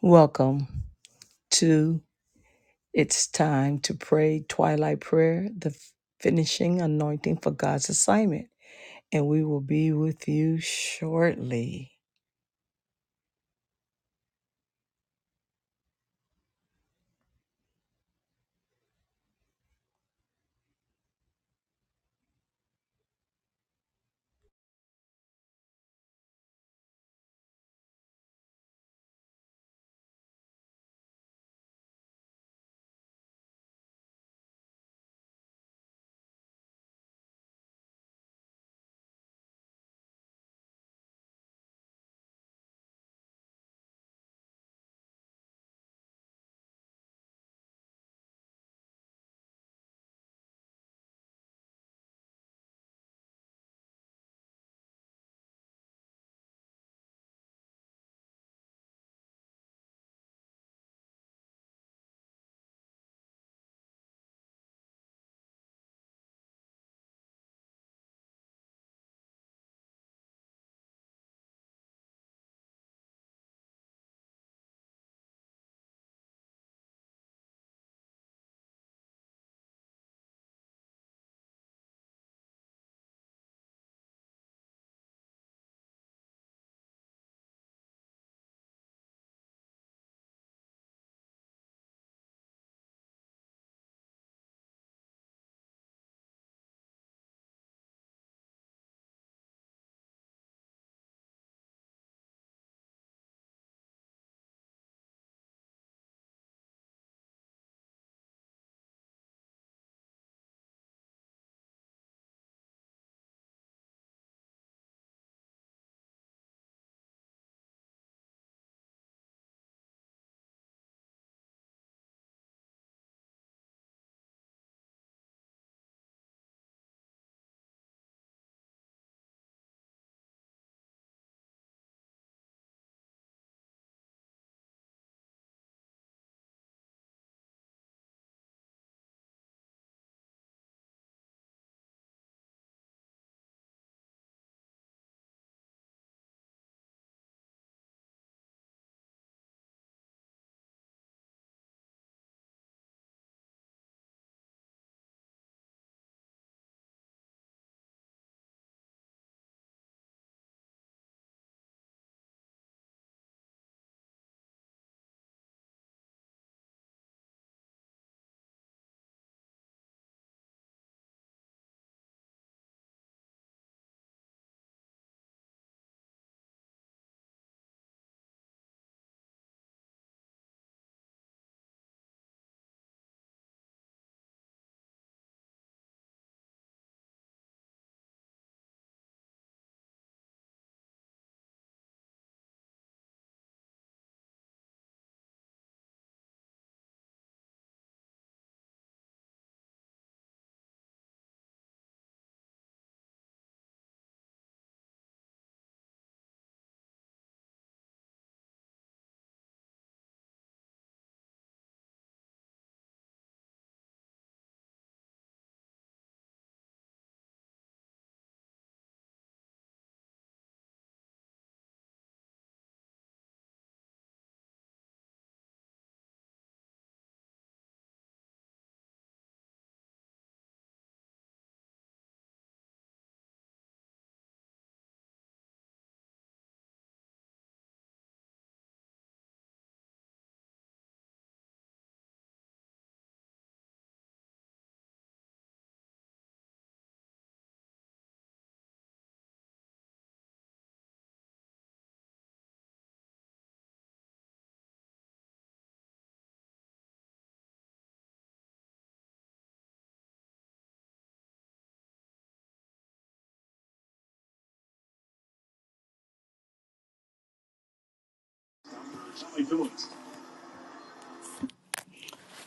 Welcome to It's Time to Pray Twilight Prayer, the finishing anointing for God's assignment. And we will be with you shortly.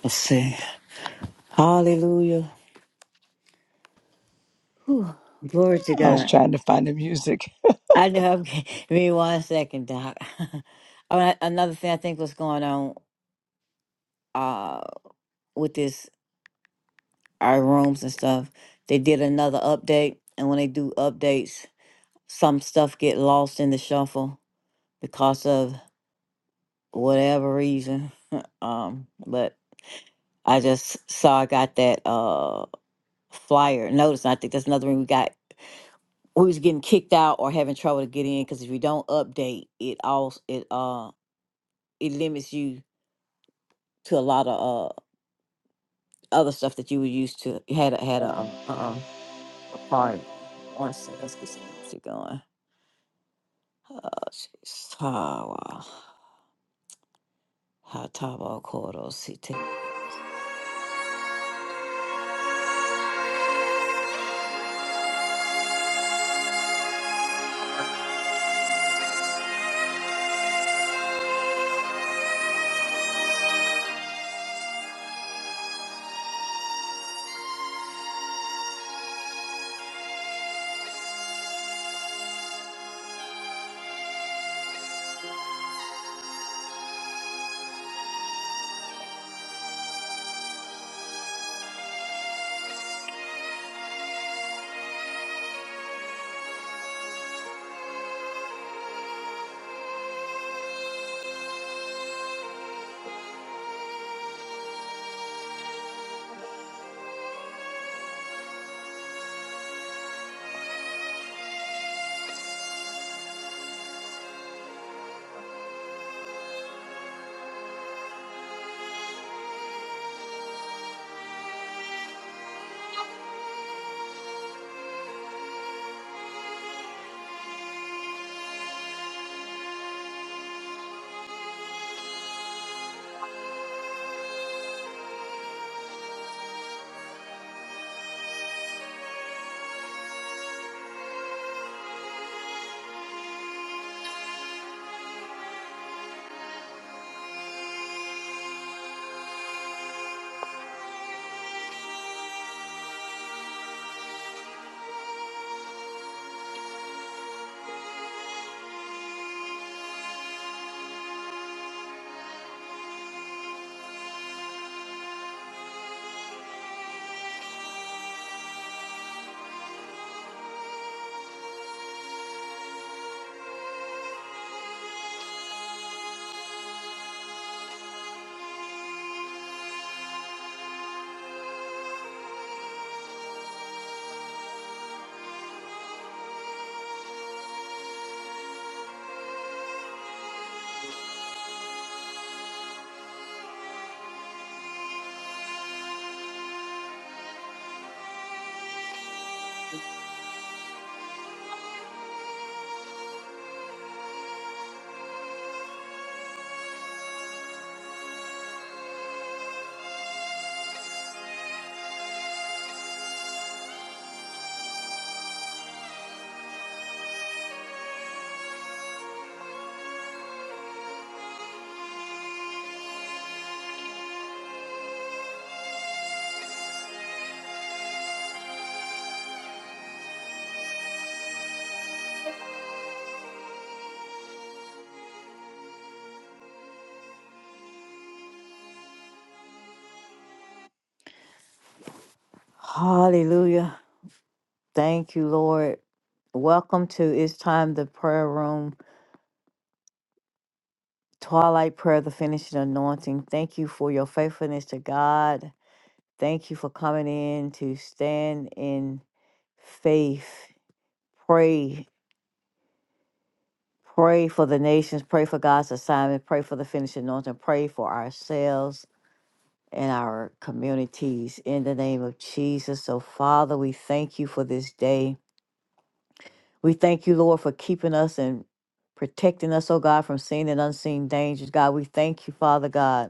Let's see. Hallelujah. Whew. Glory to I was God. trying to find the music. I know. I'm, give me one second, Doc. All right, Another thing I think was going on uh, with this, our rooms and stuff, they did another update. And when they do updates, some stuff get lost in the shuffle because of whatever reason. um, but I just saw I got that uh, flyer notice. and I think that's another thing we got we was getting kicked out or having trouble to get in because if you don't update it all it uh it limits you to a lot of uh other stuff that you were used to You had a had a uh, uh a part one second let's get some music going oh jeez oh wow Hatabo Kodo Sita. hallelujah thank you lord welcome to it's time the prayer room twilight prayer the finishing anointing thank you for your faithfulness to god Thank you for coming in to stand in faith. Pray. Pray for the nations. Pray for God's assignment. Pray for the finished anointing. Pray for ourselves and our communities in the name of Jesus. So, Father, we thank you for this day. We thank you, Lord, for keeping us and protecting us, oh God, from seen and unseen dangers. God, we thank you, Father God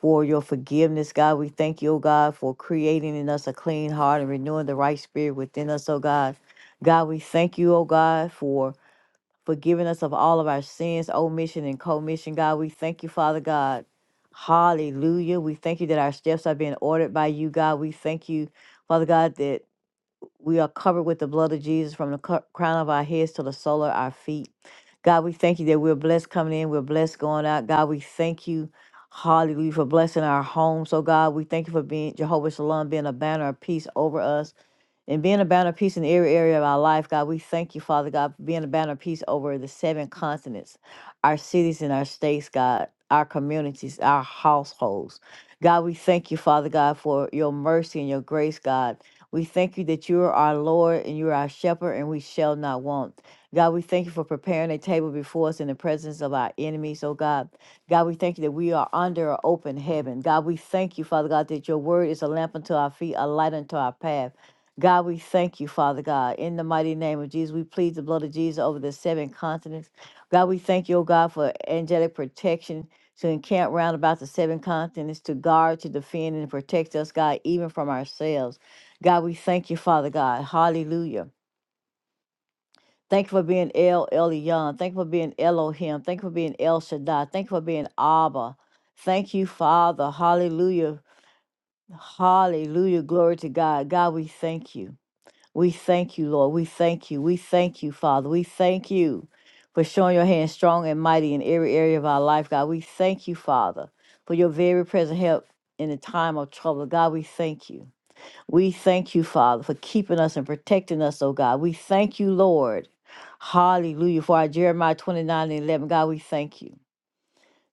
for your forgiveness, God. We thank you, oh God, for creating in us a clean heart and renewing the right spirit within us, oh God. God, we thank you, oh God, for forgiving us of all of our sins, omission and commission. God, we thank you, Father God. Hallelujah. We thank you that our steps are being ordered by you, God. We thank you, Father God, that we are covered with the blood of Jesus from the cro- crown of our heads to the sole of our feet. God, we thank you that we're blessed coming in, we're blessed going out. God, we thank you, hallelujah, for blessing our homes. So, God, we thank you for being Jehovah Shalom, being a banner of peace over us and being a banner of peace in every area of our life, God, we thank you, Father God, for being a banner of peace over the seven continents, our cities and our states, God, our communities, our households. God, we thank you, Father God, for your mercy and your grace, God. We thank you that you are our Lord and you are our shepherd, and we shall not want. God, we thank you for preparing a table before us in the presence of our enemies, oh God. God, we thank you that we are under an open heaven. God, we thank you, Father God, that your word is a lamp unto our feet, a light unto our path. God, we thank you, Father God. In the mighty name of Jesus, we plead the blood of Jesus over the seven continents. God, we thank you, oh God, for angelic protection to encamp round about the seven continents, to guard, to defend, and protect us, God, even from ourselves. God, we thank you, Father God. Hallelujah. Thank you for being El Elyon. Thank you for being Elohim. Thank you for being El Shaddai. Thank you for being Abba. Thank you, Father. Hallelujah. Hallelujah. Glory to God. God, we thank you. We thank you, Lord. We thank you. We thank you, Father. We thank you for showing your hand strong and mighty in every area of our life, God. We thank you, Father, for your very present help in the time of trouble. God, we thank you. We thank you, Father, for keeping us and protecting us, oh God. We thank you, Lord. Hallelujah. For our Jeremiah 29 and 11, God, we thank you.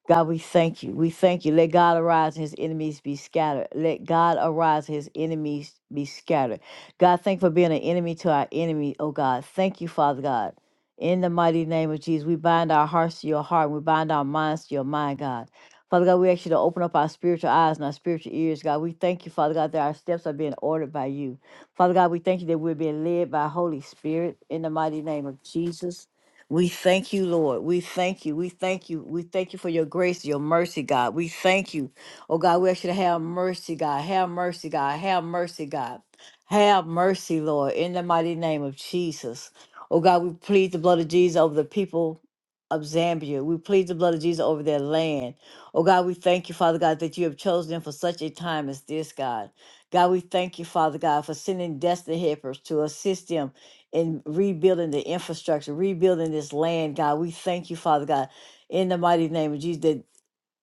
God, we thank you. We thank you. Let God arise and his enemies be scattered. Let God arise and his enemies be scattered. God, thank you for being an enemy to our enemy, oh God. Thank you, Father God. In the mighty name of Jesus, we bind our hearts to your heart. We bind our minds to your mind, God. Father God, we ask you to open up our spiritual eyes and our spiritual ears, God. We thank you, Father God, that our steps are being ordered by you. Father God, we thank you that we're being led by Holy Spirit in the mighty name of Jesus. We thank you, Lord. We thank you. We thank you. We thank you for your grace, your mercy, God. We thank you. Oh, God, we ask you to have mercy, God. Have mercy, God. Have mercy, God. Have mercy, Lord, in the mighty name of Jesus. Oh, God, we plead the blood of Jesus over the people of Zambia. We plead the blood of Jesus over their land. Oh, God, we thank you, Father God, that you have chosen them for such a time as this, God. God, we thank you, Father God, for sending destiny helpers to assist them in rebuilding the infrastructure, rebuilding this land, God. We thank you, Father God, in the mighty name of Jesus. that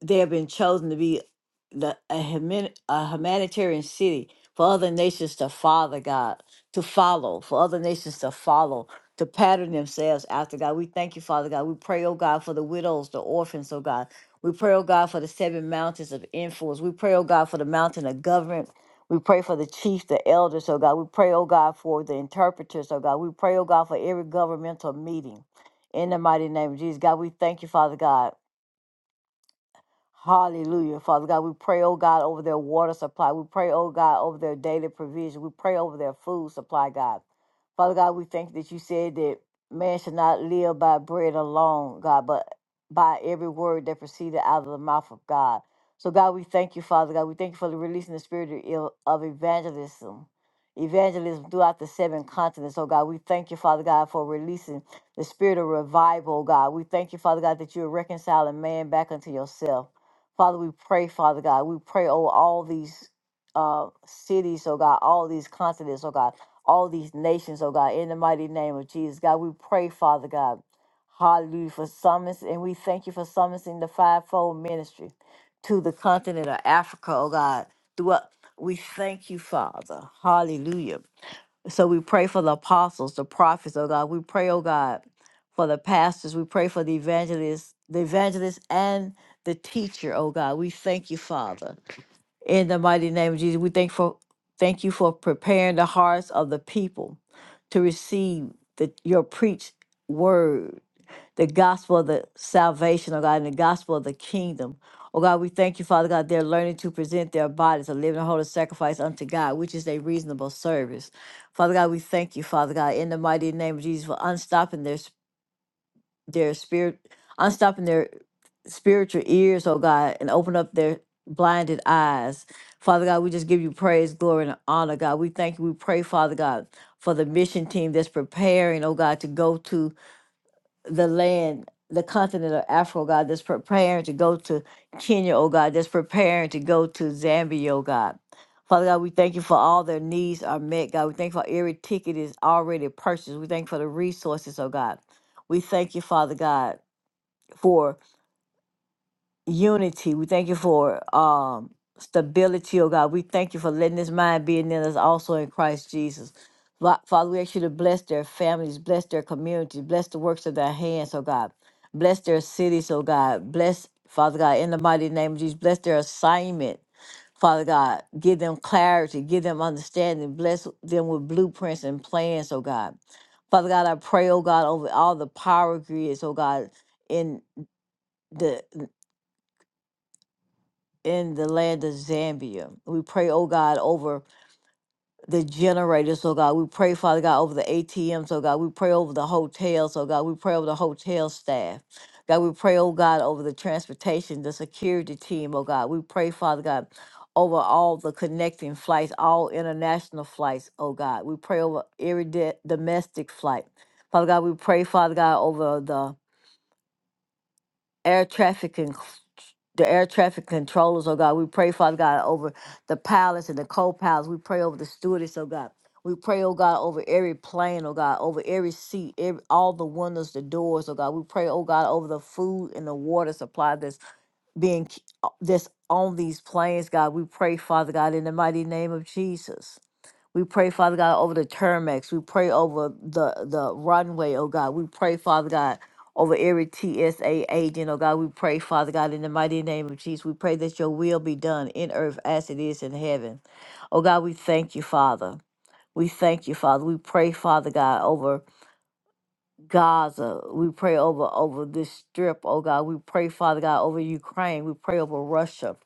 they have been chosen to be the a, human, a humanitarian city for other nations to father God, to follow, for other nations to follow, to pattern themselves after God. We thank you, Father God. We pray, oh God, for the widows, the orphans, oh God. We pray, oh God, for the seven mountains of influence. We pray, oh God, for the mountain of government. We pray for the chief, the elders, oh God. We pray, oh God, for the interpreters, oh God. We pray, oh God, for every governmental meeting. In the mighty name of Jesus, God, we thank you, Father God. Hallelujah. Father God, we pray, oh God, over their water supply. We pray, oh God, over their daily provision. We pray over their food supply, God. Father God, we thank you that you said that man should not live by bread alone, God, but by every word that proceeded out of the mouth of God. So, God, we thank you, Father God. We thank you for the releasing the spirit of el- of evangelism, evangelism throughout the seven continents. Oh, God, we thank you, Father God, for releasing the spirit of revival, God. We thank you, Father God, that you're reconciling man back unto yourself. Father, we pray, Father God, we pray over all these uh, cities, oh God, all these continents, oh God, all these nations, oh God, in the mighty name of Jesus. God, we pray, Father God, hallelujah, for summons, and we thank you for summoning the fivefold ministry to the continent of Africa, oh God. Throughout, we thank you, Father, hallelujah. So we pray for the apostles, the prophets, oh God. We pray, oh God, for the pastors. We pray for the evangelists, the evangelists and the teacher, oh God. We thank you, Father. In the mighty name of Jesus, we thank for thank you for preparing the hearts of the people to receive the, your preached word the gospel of the salvation, oh God, and the gospel of the kingdom. Oh God, we thank you, Father God, they're learning to present their bodies a living and holy sacrifice unto God, which is a reasonable service. Father God, we thank you, Father God, in the mighty name of Jesus for unstopping their, s- their spirit, unstopping their spiritual ears, oh God, and open up their blinded eyes. Father God, we just give you praise, glory, and honor, God. We thank you. We pray, Father God, for the mission team that's preparing, oh God, to go to the land, the continent of Africa, oh God, that's preparing to go to Kenya, oh God, that's preparing to go to Zambia, oh God. Father God, we thank you for all their needs are met, God. We thank you for every ticket is already purchased. We thank you for the resources, oh God. We thank you, Father God, for unity. We thank you for um stability, oh God. We thank you for letting this mind be in us also in Christ Jesus. Fa- Father, we ask you to bless their families, bless their communities, bless the works of their hands, oh God. Bless their cities, oh God. Bless, Father God, in the mighty name of Jesus, bless their assignment. Father God, give them clarity, give them understanding, bless them with blueprints and plans, oh God. Father God, I pray, oh God, over all the power grids, oh God, in in the land of Zambia. We pray, oh God, over the generators, oh God. We pray, Father God, over the ATMs, oh God. We pray over the hotels, oh God. We pray over the hotel staff. God, we pray, oh God, over the transportation, the security team, oh God. We pray, Father God, over all the connecting flights, all international flights, oh God. We pray over every de- domestic flight. Father God, we pray, Father God, over the air traffic and the air traffic controllers, oh God. We pray, Father God, over the pilots and the co-pilots. We pray over the stewardess, oh God. We pray, oh God, over every plane, oh God, over every seat, every, all the windows, the doors, oh God. We pray, oh God, over the food and the water supply that's being k- uh, that's on these planes, God. We pray, Father God, in the mighty name of Jesus. We pray, Father God, over the Termex. We pray over the, the runway, oh God. We pray, Father God, over every TSA agent, oh God. We pray, Father God, in the mighty name of Jesus. We pray that your will be done in earth as it is in heaven. Oh God, we thank you, Father. We thank you, Father. We pray, Father God, over Gaza. We pray over over this strip, oh God. We pray, Father God, over Ukraine. We pray over Russia.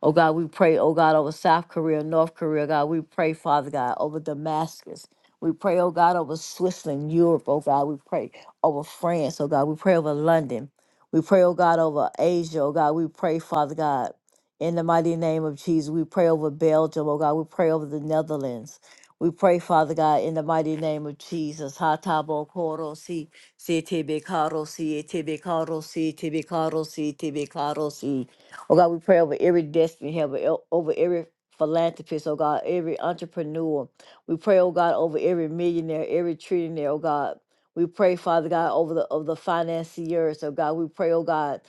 Oh God, we pray, oh God, over South Korea, North Korea, God. We pray, Father God, over Damascus. We pray, oh God, over Switzerland, Europe, oh God. We pray over France, oh God. We pray over London. We pray, oh God, over Asia, oh God. We pray, Father God, in the mighty name of Jesus. We pray over Belgium, oh God. We pray over the Netherlands. We pray, Father God, in the mighty name of Jesus. Ha ta bo ko ro si, si te be ka ro si, e te be ka ro si, te be ka ro si, te be ka ro si. Oh God, we pray over every destiny helper, el- over every philanthropist, oh God, every entrepreneur. We pray, oh God, over every millionaire, every trillionaire, oh God. We pray, Father God, over the of the financiers, oh God. We pray, oh God,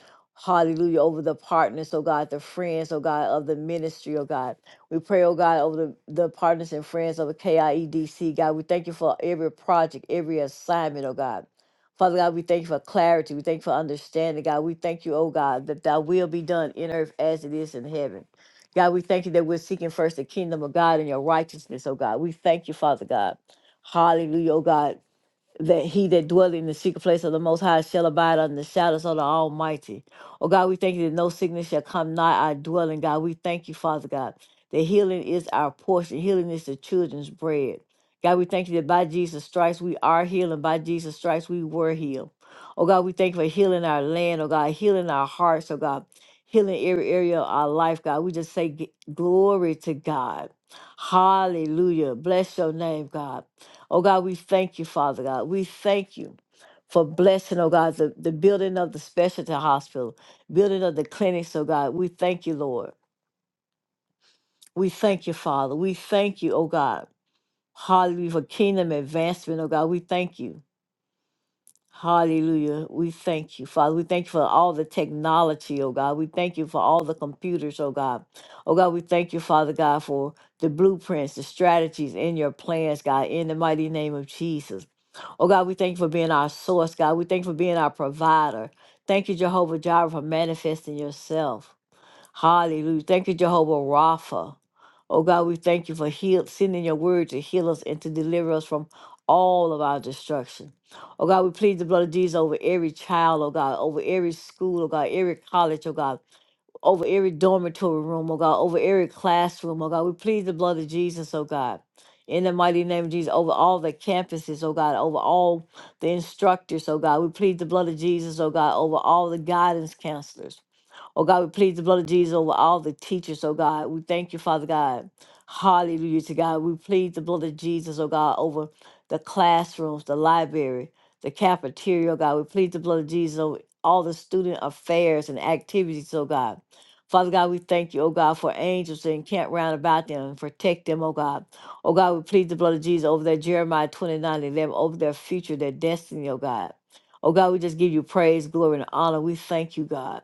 hallelujah, over the partners, oh God, the friends, oh God, of the ministry, oh God. We pray, oh God, over the, the partners and friends of the KIEDC, God. We thank you for every project, every assignment, oh God. Father God, we thank you for clarity. We thank you for understanding, God. We thank you, oh God, that thy will be done in earth as it is in heaven. God, we thank you that we're seeking first the kingdom of God and your righteousness, oh God. We thank you, Father God. Hallelujah, oh God that he that dwelleth in the secret place of the Most High shall abide under the shadows of the Almighty. Oh God, we thank you that no sickness shall come nigh our dwelling, God. We thank you, Father God, that healing is our portion, healing is the children's bread. God, we thank you that by Jesus' stripes we are healed, and by Jesus' stripes we were healed. Oh God, we thank you for healing our land, oh God, healing our hearts, oh God, healing every area of our life, God. We just say g- glory to God. Hallelujah. Bless your name, God. Oh God, we thank you, Father God. We thank you for blessing, oh God, the, the building of the specialty hospital, building of the clinics, oh God. We thank you, Lord. We thank you, Father. We thank you, oh God. Hallelujah for kingdom advancement, oh God. We thank you. Hallelujah. We thank you, Father. We thank you for all the technology, oh God. We thank you for all the computers, oh God. Oh God, we thank you, Father God, for the blueprints, the strategies in your plans, God, in the mighty name of Jesus. Oh God, we thank you for being our source, God. We thank you for being our provider. Thank you, Jehovah Jireh, for manifesting yourself. Hallelujah. Thank you, Jehovah Rapha. Oh God, we thank you for heal, sending your word to heal us and to deliver us from all of our destruction. Oh God, we plead the blood of Jesus over every child, oh God, over every school, oh God, every college, oh God, over every dormitory room, oh God, over every classroom, oh God. We plead the blood of Jesus, oh God. In the mighty name of Jesus, over all the campuses, oh God, over all the instructors, oh God. We plead the blood of Jesus, oh God, over all the guidance counselors Oh God, we plead the blood of Jesus over all the teachers, oh God. We thank you, Father God. Hallelujah to God. We plead the blood of Jesus, oh God, over the classrooms, the library, the cafeteria, oh God. We plead the blood of Jesus over all the student affairs and activities, oh God. Father God, we thank you, oh God, for angels that encamp round about them and protect them, oh God. Oh God, we plead the blood of Jesus over their Jeremiah 29 11 over their future, their destiny, oh God. Oh God, we just give you praise, glory, and honor. We thank you, God.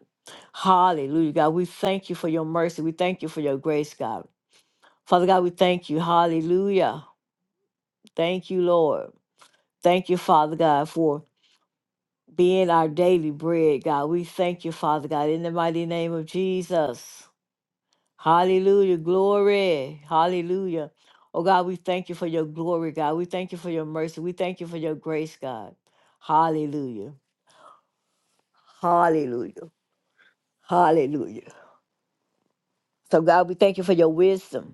Hallelujah, God. We thank you for your mercy. We thank you for your grace, God. Father God, we thank you. Hallelujah. Thank you, Lord. Thank you, Father God, for being our daily bread, God. We thank you, Father God, in the mighty name of Jesus. Hallelujah. Glory. Hallelujah. Oh, God, we thank you for your glory, God. We thank you for your mercy. We thank you for your grace, God. Hallelujah. Hallelujah. Hallelujah. So, God, we thank you for your wisdom.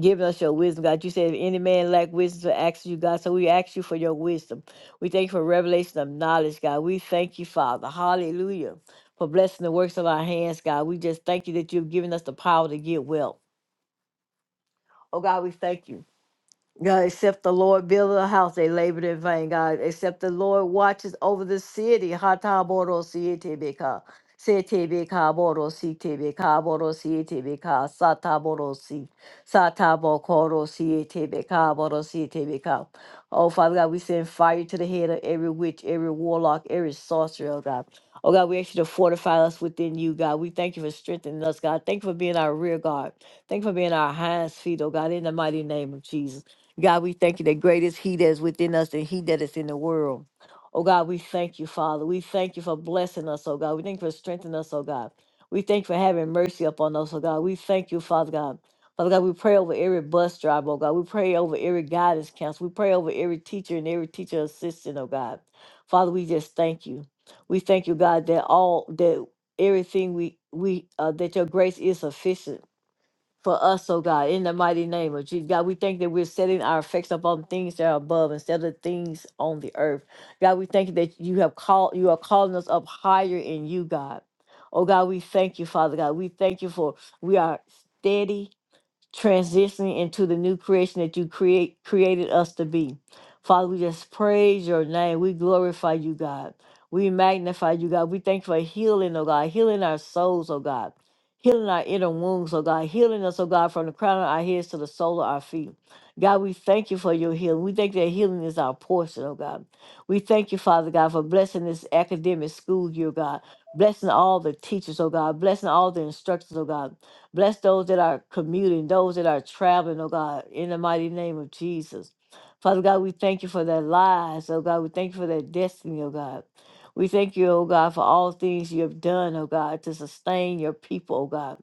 Give us your wisdom, God. You said, if any man lack wisdom to ask you, God. So we ask you for your wisdom. We thank you for revelation of knowledge, God. We thank you, Father. Hallelujah. For blessing the works of our hands, God. We just thank you that you've given us the power to get well. Oh, God, we thank you. God, except the Lord build a house, they labored in vain. God, except the Lord watches over the city. Hataboro sietebeka, setebeka boro sitebeka boro sietebeka, sataboro si, satabokoro sietebeka boro sietebeka. Oh, Father God, we send fire to the head of every witch, every warlock, every sorcerer, oh God. Oh God, we ask you to fortify us within you, God. We thank you for strengthening us, God. Thank you for being our rear guard. Thank you for being our hands, feet, oh God, in the mighty name of Jesus. God, we thank you that great is He that is within us than He that is in the world. Oh God, we thank you, Father. We thank you for blessing us, oh God. We thank you for strengthening us, oh God. We thank you for having mercy upon us, oh God. We thank you, Father God. Father God, we pray over every bus driver, oh God. We pray over every guidance counselor. We pray over every teacher and every teacher assistant, oh God. Father, we just thank you. We thank you, God, that all that everything we we uh, that your grace is sufficient for us, oh God, in the mighty name of Jesus. God, we thank that we're setting our effects upon things that are above instead of things on the earth. God, we thank you that you have called you are calling us up higher in you, God. Oh God, we thank you, Father God. We thank you for we are steady transitioning into the new creation that you create created us to be. Father, we just praise your name. We glorify you, God. We magnify you, God. We thank you for healing, oh God, healing our souls, oh God, healing our inner wounds, oh God, healing us, oh God, from the crown of our heads to the sole of our feet. God, we thank you for your healing. We thank that healing is our portion, oh God. We thank you, Father God, for blessing this academic school year, God. Blessing all the teachers, oh God. Blessing all the instructors, oh God. Bless those that are commuting, those that are traveling, oh God, in the mighty name of Jesus. Father God, we thank you for their lives, oh God. We thank you for their destiny, oh God. We thank you, oh God, for all things you have done, oh God, to sustain your people, oh God.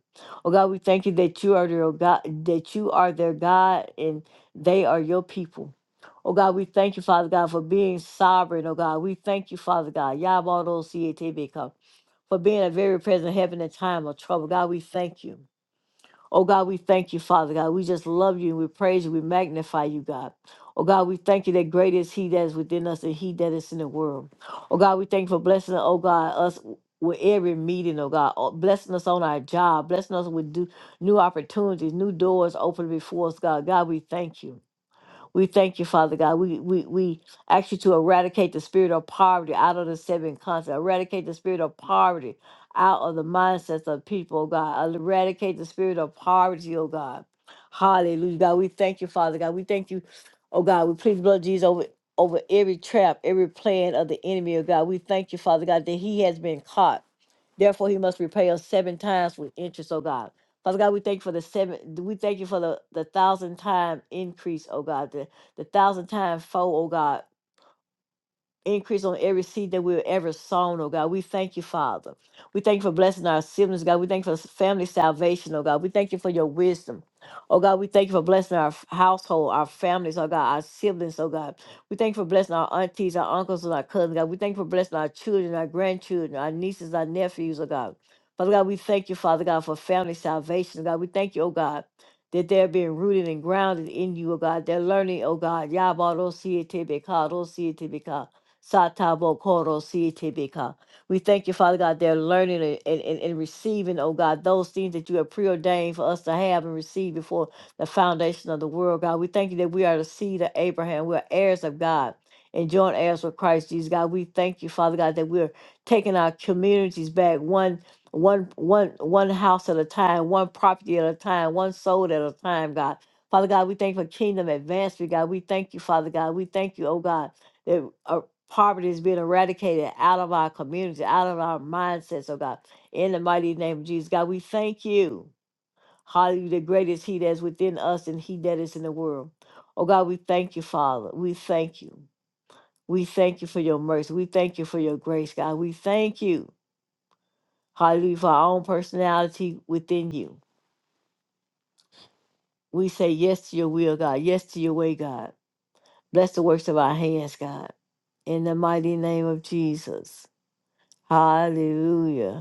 Oh God, we thank you that you are their oh God, that you are their God and they are your people. Oh God, we thank you, Father God, for being sovereign, oh God. We thank you, Father God. Yabado C A T B, for being a very present help in a time of trouble. God, we thank you. Oh God, we thank you, Father God. We just love you and we praise you. We magnify you, God. Oh God, we thank you that great is He that is within us and He that is in the world. Oh God, we thank you for blessing, oh God, us with every meeting, oh God, oh, blessing us on our job, blessing us with do, new opportunities, new doors open before us, God. God, we thank you. We thank you, Father God. We, we, we ask you to eradicate the spirit of poverty out of the seven continents, eradicate the spirit of poverty out of the mindsets of people, oh God. Eradicate the spirit of poverty, oh God. Hallelujah, God. We thank you, Father God. We thank you, oh God. We plead the blood of Jesus over, over every trap, every plan of the enemy, oh God. We thank you, Father God, that he has been caught. Therefore, he must repay us seven times with interest, O God. Father God, we thank you for the seven, we thank you for the, the thousand time increase, O God, the, the thousand time foe, O God increase on every seed that we've ever sown, oh God. We thank you, Father. We thank you for blessing our siblings, God. We thank you for family salvation, oh God. We thank you for your wisdom. Oh God, we thank you for blessing our f- household, our families, oh God, our siblings, oh God. We thank you for blessing our aunties, our uncles, and our cousins, God. We thank you for blessing our children, our grandchildren, our nieces, our nephews, oh God. Father God, we thank you, Father God, for family salvation, oh God. We thank you, oh God, that they're being rooted and grounded in you, oh God. They're learning, oh God. Yabba, don't see it, Satabo Koro Tibika. We thank you, Father God, they're learning and, and, and and receiving, oh God, those things that you have preordained for us to have and receive before the foundation of the world, God. We thank you that we are the seed of Abraham. We're heirs of God and joint heirs with Christ Jesus. God, we thank you, Father God, that we're taking our communities back one one one one house at a time, one property at a time, one soul at a time, God. Father God, we thank you for kingdom advancement, God. We thank you, Father God. We thank you, oh God. that. uh, poverty is being eradicated out of our community, out of our mindsets, oh God. In the mighty name of Jesus, God, we thank you. Hallelujah, the greatest He that is within us and He that is in the world. Oh God, we thank you, Father. We thank you. We thank you for your mercy. We thank you for your grace, God. We thank you, hallelujah, for our own personality within you. We say yes to your will, God. Yes to your way, God. Bless the works of our hands, God. In the mighty name of Jesus. Hallelujah.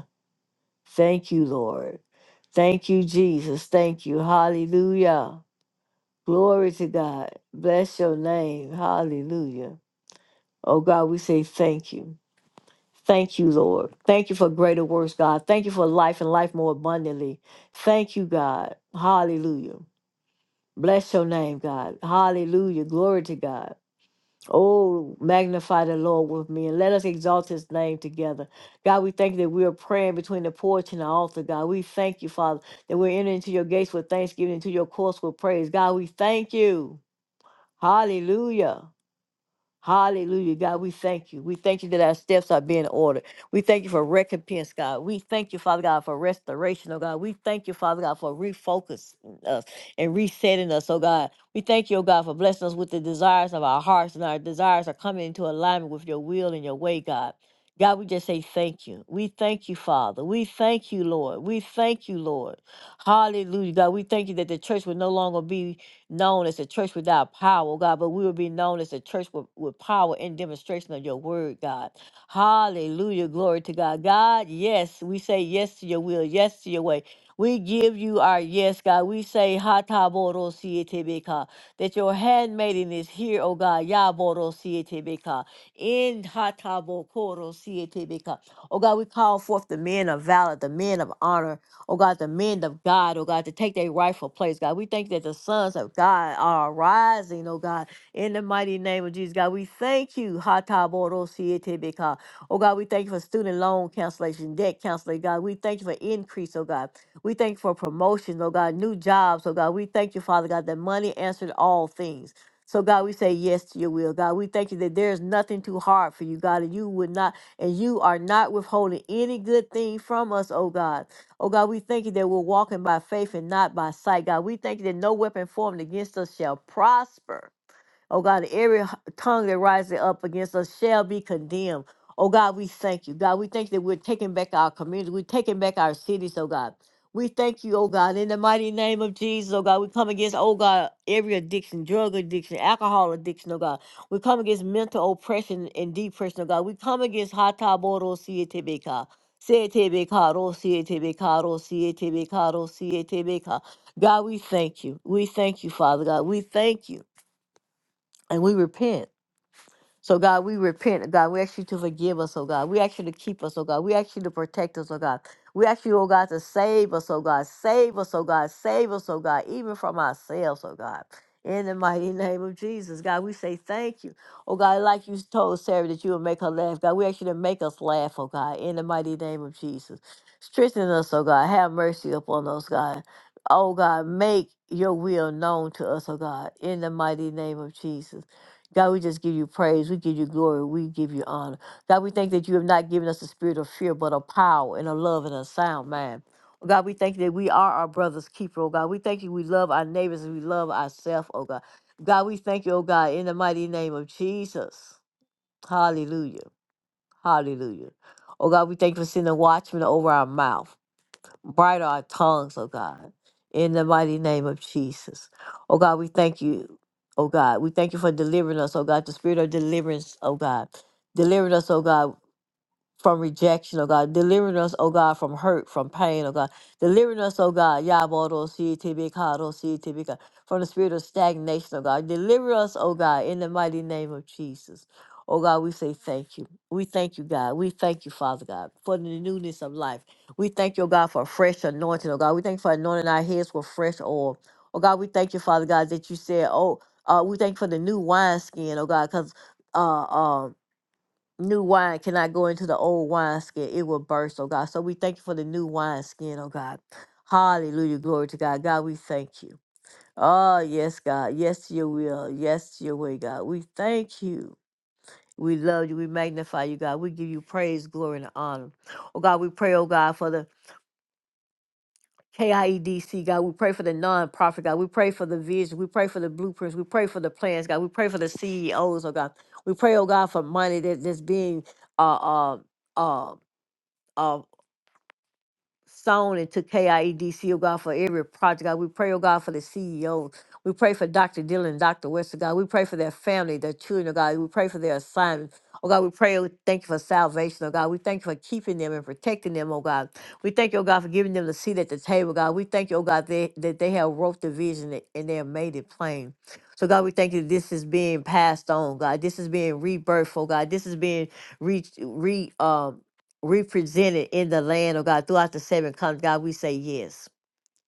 Thank you, Lord. Thank you, Jesus. Thank you. Hallelujah. Glory to God. Bless your name. Hallelujah. Oh God, we say thank you. Thank you, Lord. Thank you for greater works, God. Thank you for life and life more abundantly. Thank you, God. Hallelujah. Bless your name, God. Hallelujah. Glory to God. Oh, magnify the Lord with me and let us exalt his name together. God, we thank you that we are praying between the porch and the altar, God. We thank you, Father, that we're entering into your gates with thanksgiving, into your courts with praise. God, we thank you. Hallelujah. Hallelujah, God. We thank you. We thank you that our steps are being ordered. We thank you for recompense, God. We thank you, Father God, for restoration, oh God. We thank you, Father God, for refocusing us and resetting us, oh God. We thank you, oh God, for blessing us with the desires of our hearts and our desires are coming into alignment with your will and your way, God. God, we just say thank you. We thank you, Father. We thank you, Lord. We thank you, Lord. Hallelujah, God. We thank you that the church will no longer be known as a church without power, oh God, but we will be known as a church with, with power and demonstration of your word, God. Hallelujah. Glory to God. God, yes, we say yes to your will, yes to your way. We give you our yes, God. We say, Hataboro that your handmaiden is here, oh God. Yaboro sietebeka. In Hatabokoro sietebeka. Oh God, we call forth the men of valor, the men of honor, oh God, the men of God, oh God, to take their rightful place, God. We thank that the sons of God are rising, oh God, in the mighty name of Jesus, God. We thank you, Hataborosietebeka. oh God, we thank you for student loan cancellation, debt cancellation, God. We thank you for increase, oh God. We thank you for promotion, oh God, new jobs, oh God. We thank you, Father God, that money answered all things. So God, we say yes to your will. God, we thank you that there is nothing too hard for you, God, and you would not, and you are not withholding any good thing from us, oh God. Oh God, we thank you that we're walking by faith and not by sight. God, we thank you that no weapon formed against us shall prosper. Oh God, every h- tongue that rises up against us shall be condemned. Oh God, we thank you. God, we thank that we're taking back our community. We're taking back our cities, oh God. We thank you, oh God, in the mighty name of Jesus, oh God. We come against, oh God, every addiction, drug addiction, alcohol addiction, oh God. We come against mental oppression and depression, oh God. We come against hataboro sietebeka. Sietebeka, ro sietebeka, ro sietebeka, ro sietebeka. God, we thank you. We thank you, Father God. We thank you and we repent. So God, we repent. God, we ask you to forgive us, oh God. We ask you to keep us, oh God. We ask you to protect us, oh God. We ask you, oh God, to save us, oh God. Save us, oh God. Save us, oh God, even from ourselves, oh God. In the mighty name of Jesus, God, we say thank you. Oh God, like you told Sarah that you would make her laugh. God, we ask you to make us laugh, oh God, in the mighty name of Jesus. Strengthen us, oh God. Have mercy upon us, God. Oh God, make your will known to us, oh God, in the mighty name of Jesus. God, we just give you praise. We give you glory. We give you honor. God, we thank that you have not given us a spirit of fear, but of power and of love and a sound mind. Oh, God, we thank you that we are our brother's keeper, oh God. We thank you we love our neighbors and we love ourselves, oh God. God, we thank you, oh God, in the mighty name of Jesus. Hallelujah. Hallelujah. Oh God, we thank you for sending watchmen over our mouth bright are our tongues, oh God, in the mighty name of Jesus. Oh God, we thank you, oh God. We thank you for delivering us, oh God, the spirit of deliverance, oh God. Delivered us, oh God from rejection, oh God. Delivering us, oh God, from hurt, from pain, oh God. Delivering us, oh God, Yabodo Citibikado Citibika, from the spirit of stagnation, oh God. Deliver us, oh God, in the mighty name of Jesus. Oh God, we say thank you. We thank you, God. We thank you, Father God, for the newness of life. We thank you, oh God, for a fresh anointing, oh God. We thank you for anointing our heads with fresh oil. Oh God, we thank you, Father God, that you said, oh, uh, we thank you for the new wineskin, oh God, because uh, um new wine cannot go into the old wineskin. It will burst, oh God. So we thank you for the new wineskin, oh God. Hallelujah. Glory to God. God, we thank you. Oh, yes, God. Yes to your will. Yes to your way, God. We thank you. We love you. We magnify you, God. We give you praise, glory, and honor. Oh, God, we pray, oh, God, for the KIEDC, God. We pray for the nonprofit, God. We pray for the vision. We pray for the blueprints. We pray for the plans, God. We pray for the CEOs, oh, God. We pray, oh, God, for money that, that's being uh, uh, uh, uh, sown into KIEDC, oh God, for every project, God. We pray, oh God, for the CEO. We pray for Dr. Dillon, Dr. Wester, God. We pray for their family, their children, oh God. We pray for their assignment. Oh God, we pray, oh, thank you for salvation, oh God. We thank you for keeping them and protecting them, oh God. We thank you, oh God, for giving them the seat at the table, God. We thank you, oh God, they, that they have wrote the vision and they have made it plain. So God, we thank you this is being passed on, God. This is being rebirthed, oh God. This is being re, re um represented in the land, oh God, throughout the seven continents. God, we say yes.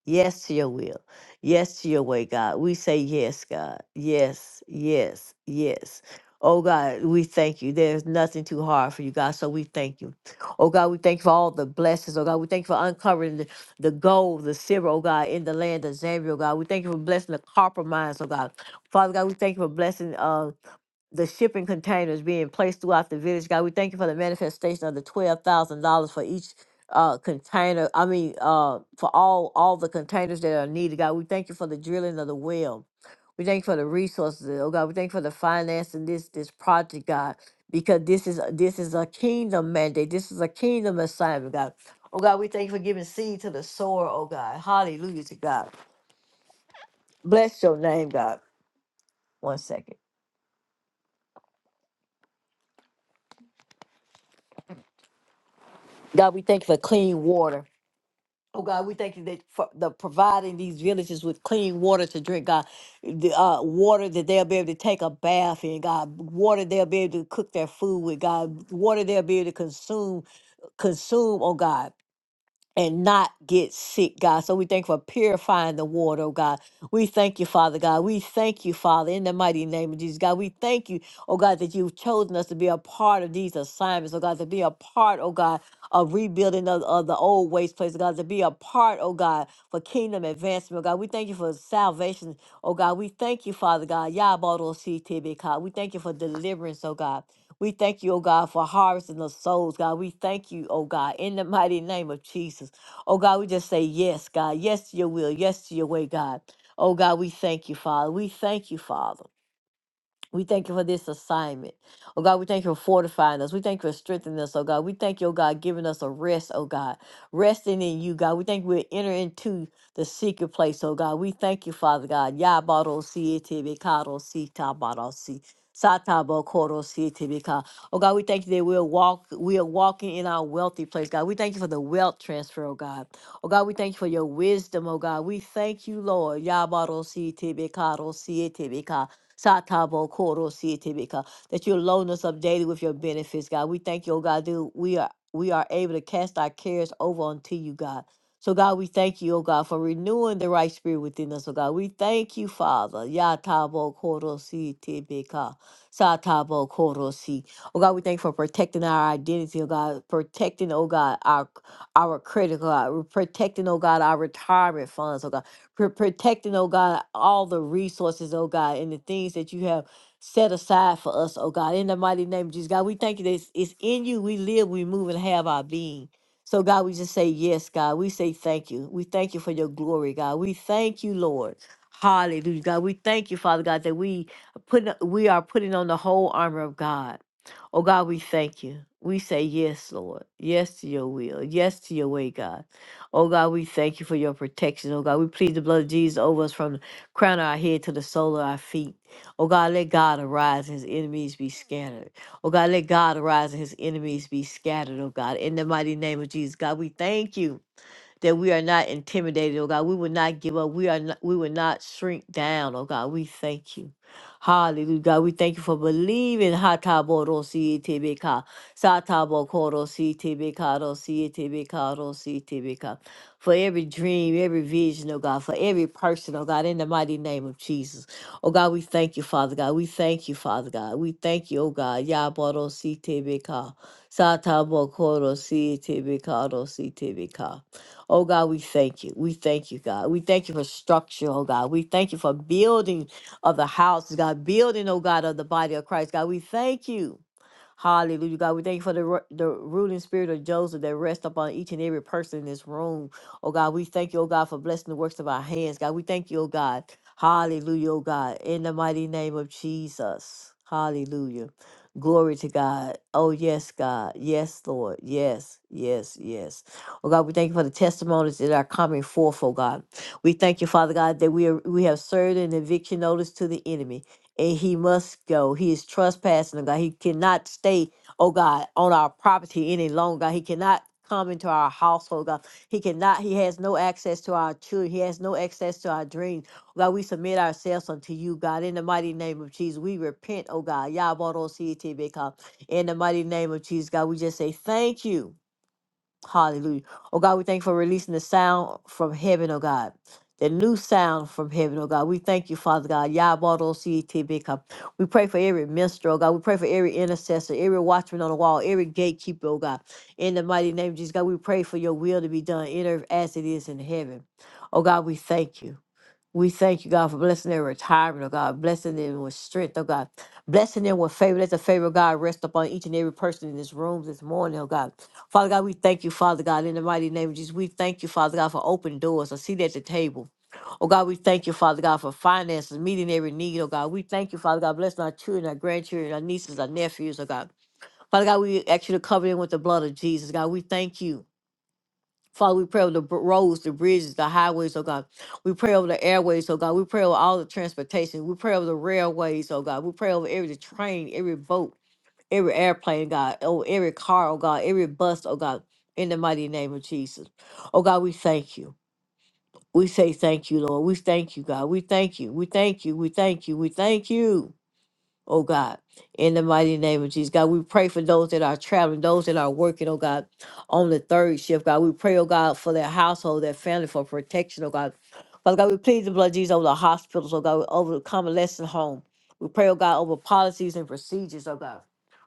Yes to your will. Yes to your way, God. We say yes, God. Yes, yes, yes. Oh God, we thank you. There's nothing too hard for you, God. So we thank you. Oh God, we thank you for all the blessings. Oh God, we thank you for uncovering the, the gold, the silver, oh God, in the land of Zambia, oh God. We thank you for blessing the copper mines, oh God. Father God, we thank you for blessing uh the shipping containers being placed throughout the village. God, we thank you for the manifestation of the $12,000 for each uh container i mean uh for all all the containers that are needed god we thank you for the drilling of the well we thank you for the resources oh god we thank you for the financing this this project god because this is this is a kingdom mandate this is a kingdom assignment god oh god we thank you for giving seed to the sower oh god hallelujah to god bless your name god one second god we thank you for clean water Oh God, we thank you that for the providing these villages with clean water to drink, God, the uh, water that they'll be able to take a bath in, God, water they'll be able to cook their food with, God, water they'll be able to consume, consume, oh God and not get sick, God. So we thank you for purifying the water, oh God. We thank you, Father God. We thank you, Father, in the mighty name of Jesus, God. We thank you, oh God, that you've chosen us to be a part of these assignments, oh God, to be a part, oh God, of rebuilding of, of the old waste place, oh God, to be a part, oh God, for kingdom advancement, oh God. We thank you for salvation, oh God. We thank you, Father God. Yabodo CTB, God. We thank you for deliverance, oh God. We thank you, oh God, for harvesting the souls, God. We thank you, oh God, in the mighty name of Jesus. Oh God, we just say yes, God. Yes to your will. Yes to your way, God. Oh God, we thank you, Father. We thank you, Father. We thank you for this assignment. Oh God, we thank you for fortifying us. We thank you for strengthening us, oh God. We thank you, oh God, giving us a rest, oh God. Resting in you, God. We thank we enter into the secret place, oh God. We thank you, Father God. Yabado si etibikado si tabado si. Satabo koro si etibika. Oh God, we thank you that we're walk we are walking in our wealthy place, God. We thank you for the wealth transfer, oh God. Oh God, we thank you for your wisdom, oh God. We thank you, Lord. Yabado si etibikado si etibika. Satabo Koro Sietibika, that you load us up daily with your benefits, God. We thank you, oh God, that we are we are able to cast our cares over unto you, God. So God, we thank you, oh God, for renewing the right spirit within us, oh God. We thank you, Father. Yatabo Koro Sietibika. Satabo Koro Si. Oh God, we thank you for protecting our identity, oh God, protecting, oh God, our our credit, oh God, protecting, oh God, our retirement funds, oh God for protecting, oh God, all the resources, oh God, and the things that you have set aside for us, oh God. In the mighty name of Jesus, God, we thank you that it's, it's in you we live, we move, and have our being. So, God, we just say yes, God. We say thank you. We thank you for your glory, God. We thank you, Lord. Hallelujah, God. We thank you, Father God, that we put we are putting on the whole armor of God. Oh God, we thank you. We say yes, Lord. Yes to your will. Yes to your way, God. Oh God, we thank you for your protection. Oh God, we plead the blood of Jesus over us from the crown of our head to the sole of our feet. Oh God, let God arise and his enemies be scattered. Oh God, let God arise and his enemies be scattered. Oh God, in the mighty name of Jesus. God, we thank you that we are not intimidated, oh God. We will not give up. We are not, we will not shrink down, oh God. We thank you. Hallelujah, God. We thank you for believing. Hatabodosiitibika, Satabokorosiitibika, Rosiitibika, Rosiitibika. For every dream, every vision, oh God, for every person, oh God, in the mighty name of Jesus. Oh God, we thank you, Father God. We thank you, Father God. We thank you, oh God. Yaborositibika, Satabokorosi si Oh God, we thank you. We thank you, God. We thank you for structure, oh God. We thank you for building of the house, God, building, oh God, of the body of Christ. God, we thank you. Hallelujah, God. We thank you for the, ru- the ruling spirit of Joseph that rests upon each and every person in this room. Oh, God, we thank you, oh, God, for blessing the works of our hands. God, we thank you, oh, God. Hallelujah, oh, God. In the mighty name of Jesus. Hallelujah. Glory to God. Oh, yes, God. Yes, Lord. Yes, yes, yes. Oh, God, we thank you for the testimonies that are coming forth, oh, God. We thank you, Father God, that we, are, we have served an eviction notice to the enemy and he must go. He is trespassing, oh God. He cannot stay, oh God, on our property any longer. He cannot come into our household, oh God. He cannot, he has no access to our children. He has no access to our dreams. Oh God, we submit ourselves unto you, God. In the mighty name of Jesus, we repent, oh God. Yabarosietebeka. In the mighty name of Jesus, God, we just say thank you. Hallelujah. Oh God, we thank you for releasing the sound from heaven, oh God. The new sound from heaven, oh God. We thank you, Father God. Yabado CTB. We pray for every minstrel, oh God. We pray for every intercessor, every watchman on the wall, every gatekeeper, oh God. In the mighty name of Jesus, God, we pray for your will to be done in earth as it is in heaven. Oh God, we thank you. We thank you, God, for blessing their retirement, oh God, blessing them with strength, oh God, blessing them with favor. Let the favor of God rest upon each and every person in this room this morning, oh God. Father God, we thank you, Father God, in the mighty name of Jesus. We thank you, Father God, for open doors, a seat at the table. Oh God, we thank you, Father God, for finances, meeting every need, oh God. We thank you, Father God, blessing our children, our grandchildren, our nieces, our nephews, oh God. Father God, we ask you to cover them with the blood of Jesus, God. We thank you. Father, we pray over the br- roads, the bridges, the highways, oh God. We pray over the airways, oh God. We pray over all the transportation. We pray over the railways, oh God. We pray over every train, every boat, every airplane, God, oh, every car, oh God, every bus, oh God, in the mighty name of Jesus. Oh God, we thank you. We say thank you, Lord. We thank you, God. We thank you. We thank you. We thank you. We thank you oh God. In the mighty name of Jesus, God, we pray for those that are traveling, those that are working, oh God, on the third shift, God. We pray, oh God, for their household, their family, for protection, oh God. Father God, we plead the blood of Jesus over the hospitals, oh God, over the convalescent home. We pray, oh God, over policies and procedures, oh God.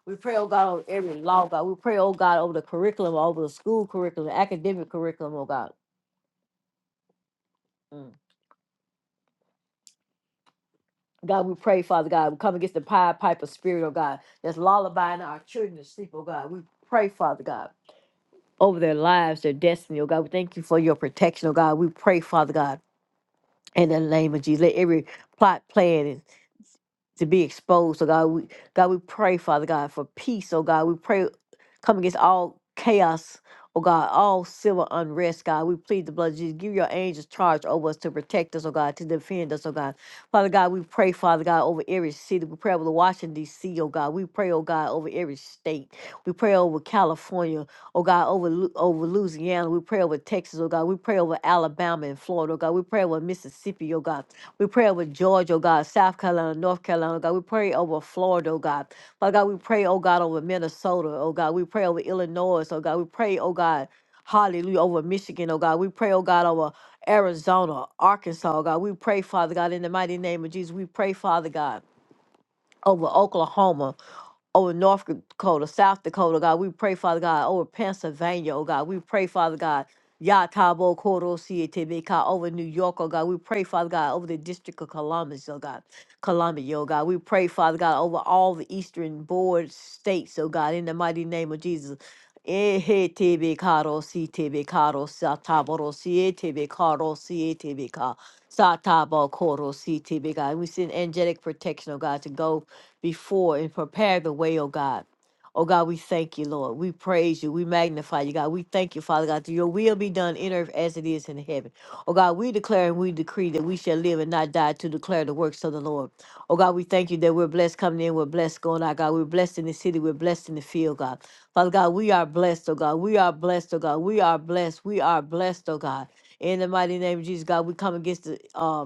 We pray, oh God, over every law, God. We pray, oh God, over the curriculum, over the school curriculum, academic curriculum, oh God. Mm. God, we pray, Father God, we come against the Pied Piper spirit, oh God, that's lullabying our children to sleep, oh God. We pray, Father God, over their lives, their destiny, oh God. We thank you for your protection, oh God. We pray, Father God, in the name of Jesus. Let every plot, plan, to be exposed. So God, we God, we pray, Father God, for peace. Oh God, we pray, come against all chaos. Oh God, all civil unrest, God, we plead the blood of Jesus. Give your angels charge over us to protect us, oh God, to defend us, oh God. Father God, we pray, Father God, over every city. We pray over Washington, D.C., oh God. We pray, oh God, over every state. We pray over California, oh God, over, Lu- over Louisiana. We pray over Texas, oh God. We pray over Alabama and Florida, oh God. We pray over Mississippi, oh God. We pray over Georgia, oh God, South Carolina, North Carolina, oh God. We pray over Florida, oh God. Father God, we pray, oh God, over Minnesota, oh God. We pray over Illinois, oh God. We pray, oh God, hallelujah, over Michigan, oh God. We pray, oh God, over Arizona, Arkansas, oh God. We pray, Father God, in the mighty name of Jesus. We pray, Father God over Oklahoma, over North Dakota, South Dakota, God. We pray, Father God, over Pennsylvania, oh God. We pray, Father God. Yatabo Koro Sietebeka over New York, oh God. We pray, Father God, over the District of Columbus, oh God. Columbia, oh God. We pray, Father God, over all the eastern board states, oh God, in the mighty name of Jesus. Ehetebekaro sitebekaro sataboro sietebekaro sietebeka satabo koro sitebeka. And we send angelic protection, oh God, to go before and prepare the way, oh God. Oh God, we thank you, Lord. We praise you. We magnify you, God. We thank you, Father God, that your will be done in earth as it is in heaven. Oh God, we declare and we decree that we shall live and not die to declare the works of the Lord. Oh God, we thank you that we're blessed coming in, we're blessed going out, God. We're blessed in the city, we're blessed in the field, God. Father God, we are blessed, oh God. We are blessed, oh God. We are blessed. We are blessed, oh God. In the mighty name of Jesus, God, we come against the um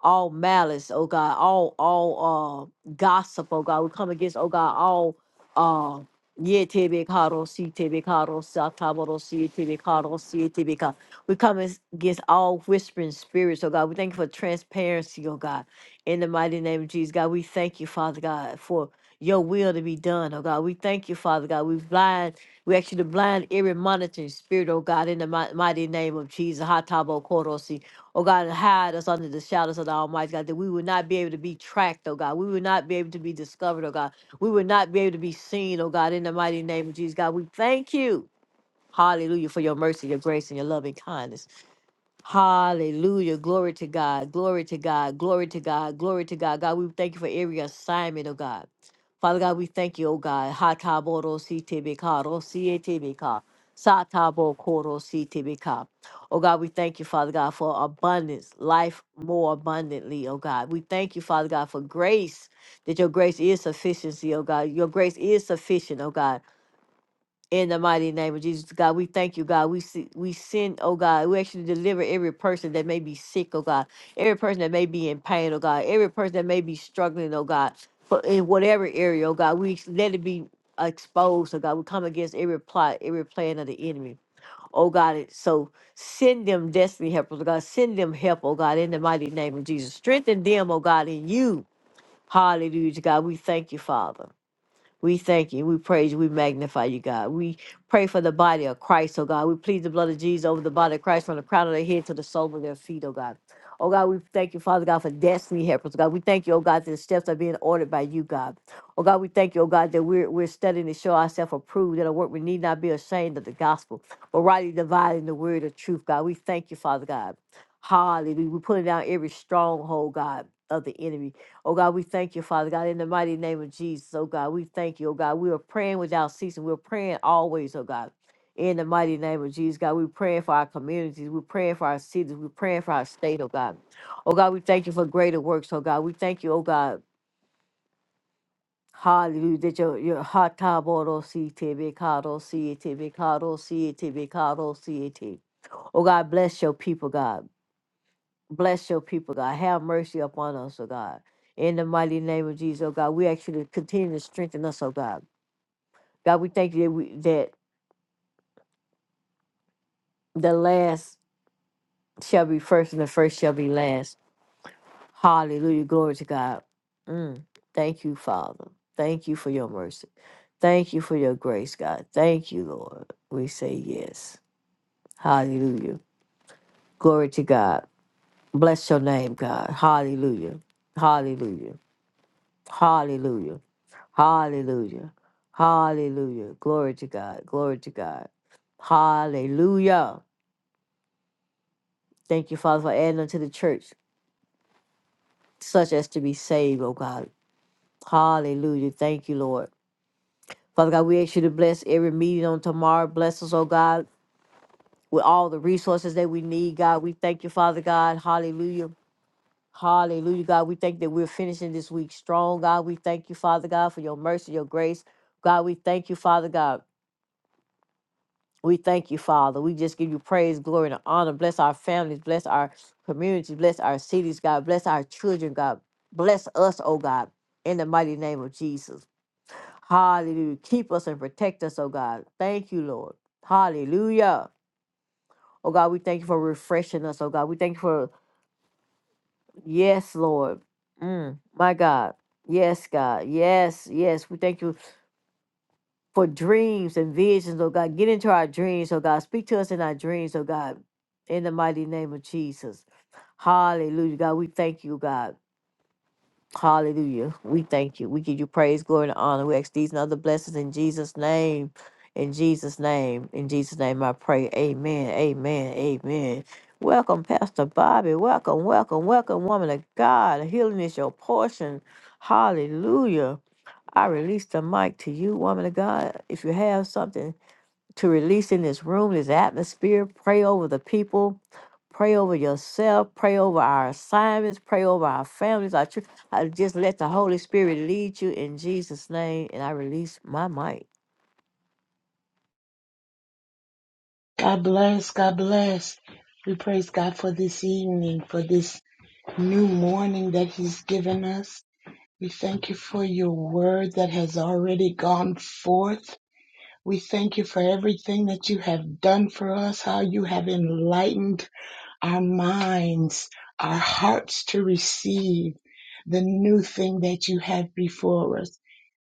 all malice, oh God, all all uh gossip, oh God. We come against, oh God, all uh yeah, tebe karo si tebe karo sa taboro si tebe karo si tebe ka. We come as- against all whispering spirits, oh God. We thank you for transparency, oh God. In the mighty name of Jesus, God, we thank you, Father God, for your will to be done, oh God. We thank you, Father God. We blind, we actually blind every monitoring spirit, oh God, in the mi- mighty name of Jesus. Ha tabo koro si. Oh God, hide us under the shadows of the Almighty God, that we would not be able to be tracked, oh God. We would not be able to be discovered, oh God. We would not be able to be seen, oh God, in the mighty name of Jesus, God. We thank you. Hallelujah for your mercy, your grace, and your loving kindness. Hallelujah. Glory to God. Glory to God. Glory to God. Glory to God. God, we thank you for every assignment, oh God. Father God, we thank you, oh God. Hataboro CTBK, CATBK, Satabo Koro CTBK. Oh God, we thank you, Father God, for abundance, life more abundantly, oh God. We thank you, Father God, for grace, that your grace is sufficiency, oh God. Your grace is sufficient, oh God. In the mighty name of Jesus, God, we thank you, God. We see, we send, oh God, we actually deliver every person that may be sick, oh God, every person that may be in pain, oh God, every person that may be struggling, oh God, but in whatever area, oh God, we let it be exposed, oh God. We come against every plot, every plan of the enemy, oh God. it- So send them destiny helpers, oh God. Send them help, oh God, in the mighty name of Jesus. Strengthen them, oh God, in you. Hallelujah, God. We thank you, Father. We thank you. We praise you. We magnify you, God. We pray for the body of Christ, oh God. We plead the blood of Jesus over the body of Christ from the crown of their head to the sole of their feet, oh God. Oh God, we thank you, Father God, for destiny helpers. God, we thank you, oh God, that the steps are being ordered by you, God. Oh God, we thank you, oh God, that we're we're studying to show ourselves approved, that our work we need not be ashamed of the gospel, but rightly dividing the word of truth, God. We thank you, Father God. Hallelujah. We're putting down every stronghold, God, of the enemy, Oh God, we thank you, Father God, in the mighty name of Jesus. Oh God, we thank you. Oh God, we are praying without ceasing. We're praying always, oh God. In the mighty name of Jesus, God, we're praying for our communities. We're praying for our cities. We're praying for our state, oh God. Oh God, we thank you for greater works, oh God. We thank you, oh God. Hallelujah. That your your hot taboro see tebe cado see tebe cado see tebe cado see Oh God, bless your people, God. Bless your people, God. Have mercy upon us, oh God. In the mighty name of Jesus, oh God, we ask you to continue to strengthen us, oh God. God, we thank you that, we, that the last shall be first and the first shall be last. Hallelujah. Glory to God. Mm. Thank you, Father. Thank you for your mercy. Thank you for your grace, God. Thank you, Lord. We say yes. Hallelujah. Glory to God. Bless your name, God. Hallelujah. Hallelujah. Hallelujah. Hallelujah. Hallelujah. Glory to God. Glory to God. Hallelujah. Thank you, Father, for adding unto the church such as to be saved, oh God. Hallelujah. Thank you, Lord. Father God, we ask you to bless every meeting on tomorrow. Bless us, oh God, with all the resources that we need, God. We thank you, Father God. Hallelujah. Hallelujah, God. We thank that we're finishing this week strong, God. We thank you, Father God, for your mercy, your grace. God, we thank you, Father God. We thank you, Father. We just give you praise, glory, and honor. Bless our families, bless our communities, bless our cities, God. Bless our children, God. Bless us, oh God, in the mighty name of Jesus. Hallelujah. Keep us and protect us, oh God. Thank you, Lord. Hallelujah. Oh God, we thank you for refreshing us, oh God. We thank you for, yes, Lord. Mm, my God. Yes, God. Yes, yes. We thank you. for dreams and visions, oh God. Get into our dreams, oh God. Speak to us in our dreams, oh God. In the mighty name of Jesus. Hallelujah, God. We thank you, God. Hallelujah. We thank you. We give you praise, glory, and honor. We ask these and other blessings in Jesus' name. In Jesus' name. In Jesus' name I pray. Amen. Amen. Amen. Welcome, Pastor Bobby. Welcome, welcome, welcome, woman of God. Healing is your portion. Hallelujah. I release the mic to you, woman of God. If you have something to release in this room, this atmosphere, pray over the people, pray over yourself, pray over our assignments, pray over our families. I, tr- I just let the Holy Spirit lead you in Jesus' name, and I release my mic. God bless. God bless. We praise God for this evening, for this new morning that He's given us. We thank you for your word that has already gone forth. We thank you for everything that you have done for us, how you have enlightened our minds, our hearts to receive the new thing that you have before us.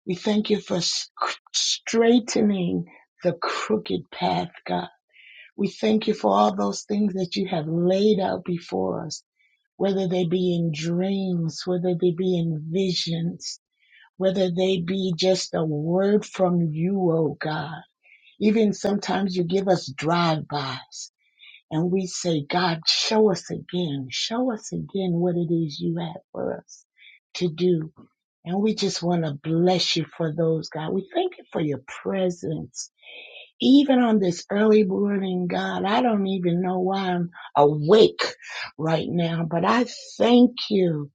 We thank you for sc- straightening the crooked path, God. We thank you for all those things that you have laid out before us, whether they be in dreams, whether they be in visions, whether they be just a word from you, oh God. Even sometimes you give us drive-bys and we say, God, show us again, show us again what it is you have for us to do. And we just want to bless you for those, God. We thank you for your presence even on this early morning, God, I don't even know why I'm awake right now, but I thank you.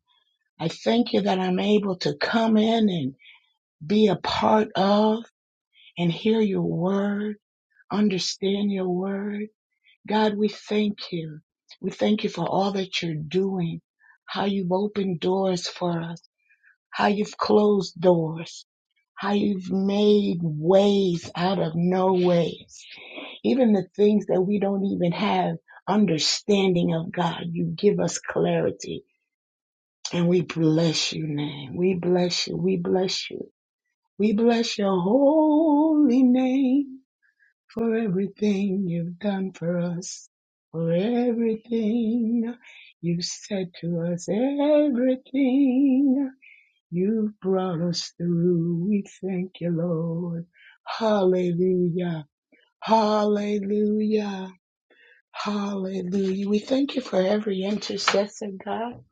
I thank you that I'm able to come in and be a part of and hear your word, understand your word. God, we thank you. We thank you for all that you're doing, how you've opened doors for us, how you've closed doors, how you've made ways out of no ways. Even the things that we don't even have understanding of, God, you give us clarity. And we bless you, name. We bless you. We bless you. We bless your holy name for everything you've done for us, for everything you have said to us, everything you have brought us through. We thank you, Lord. Hallelujah. Hallelujah. Hallelujah. We thank you for every intercessor, God.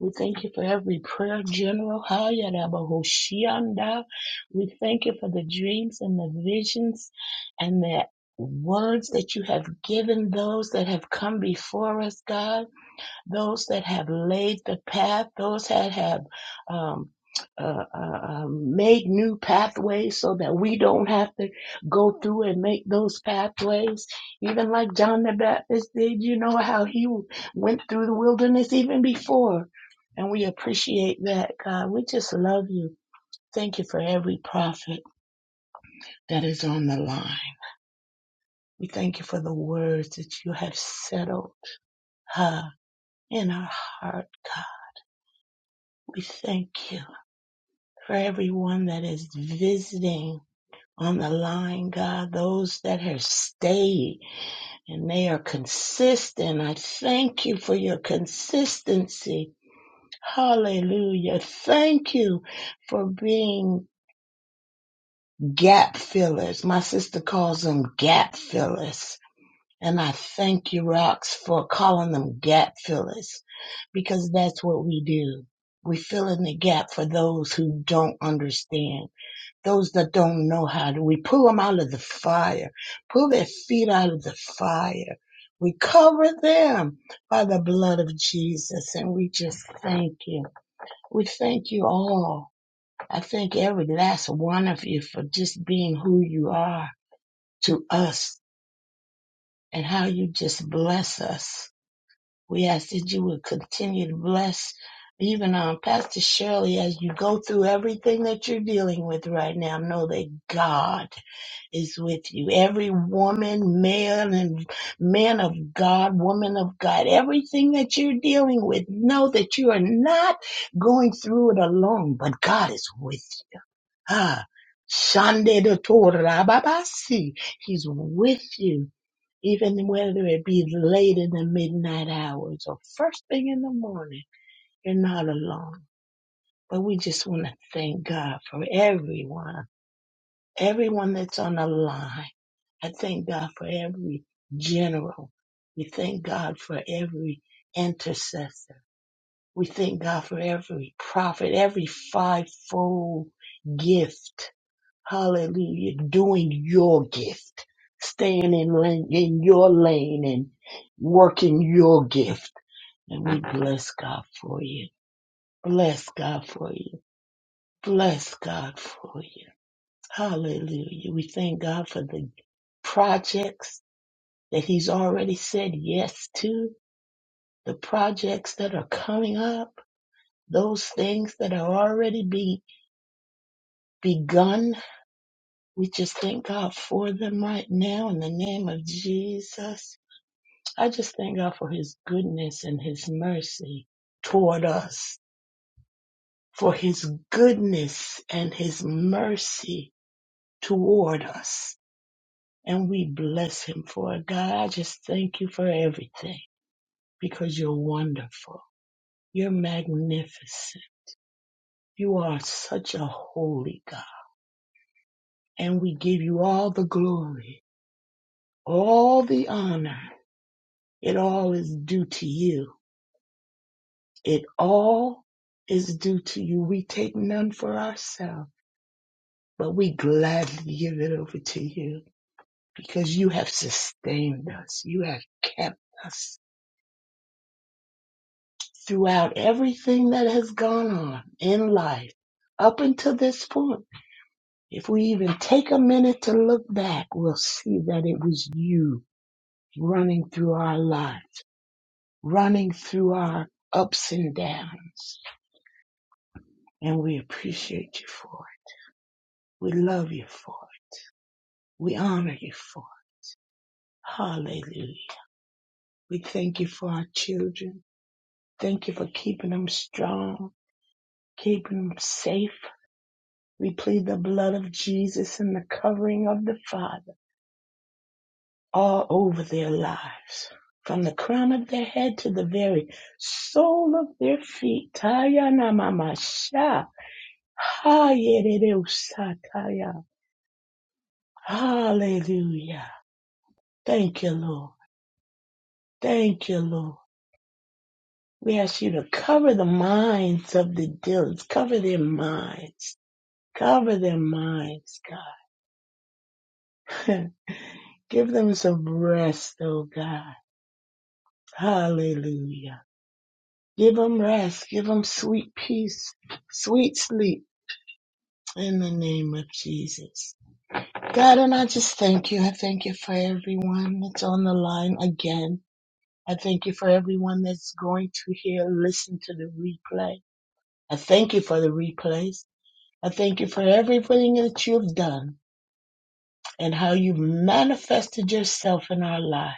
We thank you for every prayer general. Hayarabahoshianda. We thank you for the dreams and the visions and the words that you have given those that have come before us, God those that have laid the path, those that have um, uh, uh, uh, made new pathways so that we don't have to go through and make those pathways. Even like John the Baptist did, you know how he went through the wilderness even before. And we appreciate that, God. We just love you. Thank you for every prophet that is on the line. We thank you for the words that you have settled uh, in our heart, God. We thank you. for everyone that is visiting on the line, God, those that have stayed and they are consistent. I thank you for your consistency. Hallelujah. Thank you for being gap fillers. My sister calls them gap fillers. And I thank you, Rox, for calling them gap fillers because that's what we do. We fill in the gap for those who don't understand those that don't know how to. We pull them out of the fire, pull their feet out of the fire. We cover them by the blood of Jesus, and we just thank you. We thank you all. I thank every last one of you for just being who you are to us and how you just bless us. We ask that you would continue to bless even um, Pastor Shirley as you go through everything that you're dealing with right now. Know that God is with you. Every woman, male, and man of God, woman of God, everything that you're dealing with, know that you are not going through it alone, but God is with you. Ah, Shande de Torah Babasi, He's with you, even whether it be late in the midnight hours or first thing in the morning. You're not alone. But we just want to thank God for everyone, everyone that's on the line I thank God for every general. We thank God for every intercessor. We thank God for every prophet, every fivefold gift. Hallelujah. Doing your gift, staying in, lane, in your lane and working your gift. And we bless God for you. Bless God for you. Bless God for you. Hallelujah. We thank God for the projects that he's already said yes to the projects that are coming up, those things that are already be begun. We just thank God for them right now in the name of Jesus. I just thank God for his goodness and his mercy toward us, for his goodness and his mercy toward us. And we bless him for it. God, I just thank you for everything because you're wonderful. You're magnificent. You are such a holy God. And we give you all the glory, all the honor. It all is due to you. It all is due to you. We take none for ourselves, but we gladly give it over to you because you have sustained us. You have kept us throughout everything that has gone on in life up until this point. If we even take a minute to look back, we'll see that it was you running through our lives, running through our ups and downs. And we appreciate you for it. We love you for it. We honor you for it. Hallelujah. We thank you for our children. Thank you for keeping them strong, keeping them safe. We plead the blood of Jesus and the covering of the Father all over their lives. From the crown of their head to the very sole of their feet. Taya na mama sha. ha Hallelujah. Thank you, Lord. Thank you, Lord. We ask you to cover the minds of the dealers. Cover their minds. Cover their minds, God. Give them some rest, oh God. Hallelujah. Give them rest. Give them sweet peace, sweet sleep in the name of Jesus. God, and I just thank you. I thank you for everyone that's on the line again. I thank you for everyone that's going to hear, listen to the replay. I thank you for the replays. I thank you for everything that you've done and how you've manifested yourself in our lives.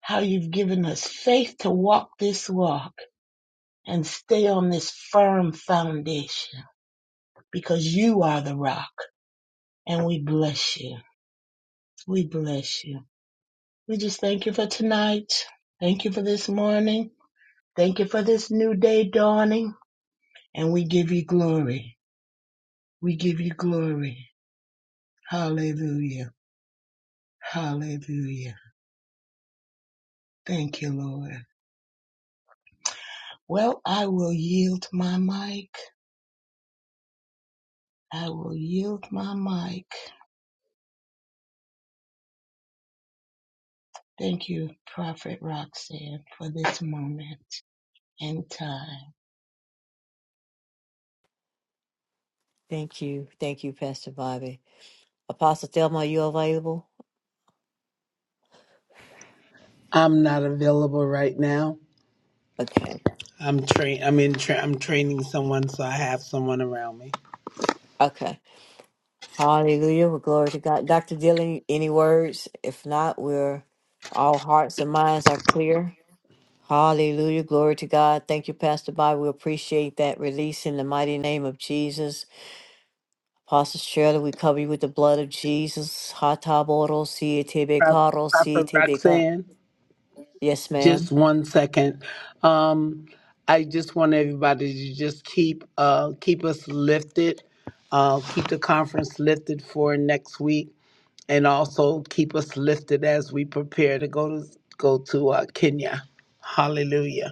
how you've given us faith to walk this walk and stay on this firm foundation because you are the rock and we bless you. We bless you. We just thank you for tonight. Thank you for this morning. Thank you for this new day dawning and we give you glory. We give you glory. Hallelujah. Hallelujah. Thank you, Lord. Well, I will yield my mic. I will yield my mic. Thank you, Prophet Roxanne, for this moment in time. Thank you. Thank you, Pastor Bobby. Apostle Thelma, are you available? I'm not available right now. Okay. I'm train. I'm in. Tra- I'm training someone, so I have someone around me. Okay. Hallelujah. Well, glory to God. Dr. Dillon, any words? If not, we're all hearts and minds are clear. Hallelujah. Glory to God. Thank you, Pastor Bob. We appreciate that release in the mighty name of Jesus. Apostle Shirley, we cover you with the blood of Jesus. Hataboro Prof- sietebekaro Prophet sietebeka. Roxanne, Yes, ma'am. just one second. Um, I just want everybody to just keep uh keep us lifted. Uh, keep the conference lifted for next week, and also keep us lifted as we prepare to go to go to uh, Kenya. Hallelujah.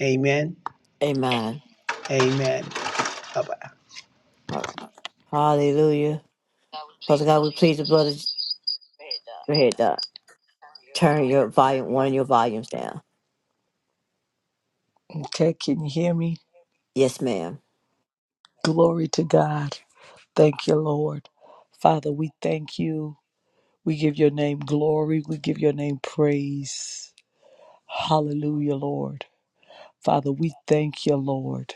Amen. Amen. Amen. Bye bye. All right. Hallelujah. Father God, we plead the blood of Go ahead, Doc. Turn your volume, one of your volumes down. Okay, can you hear me? Yes, ma'am. Glory to God. Thank you, Lord. Father, we thank you. We give your name glory. We give your name praise. Hallelujah, Lord. Father, we thank you, Lord,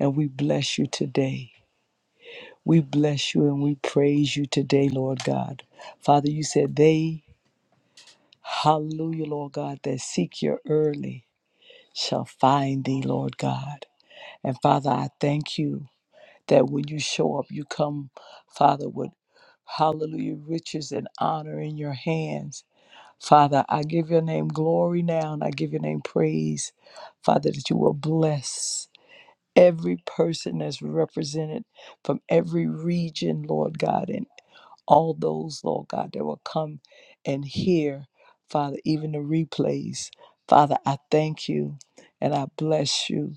and we bless you today. We bless you and we praise you today, Lord God. Father, you said they, hallelujah, Lord God, that seek you early shall find thee, Lord God. And Father, I thank you that when you show up, you come, Father, with hallelujah, riches and honor in your hands. Father, I give your name glory now and I give your name praise, Father, that you will bless every person that's represented from every region, Lord God, and all those, Lord God, that will come and hear, Father, even the replays. Father, I thank you and I bless you.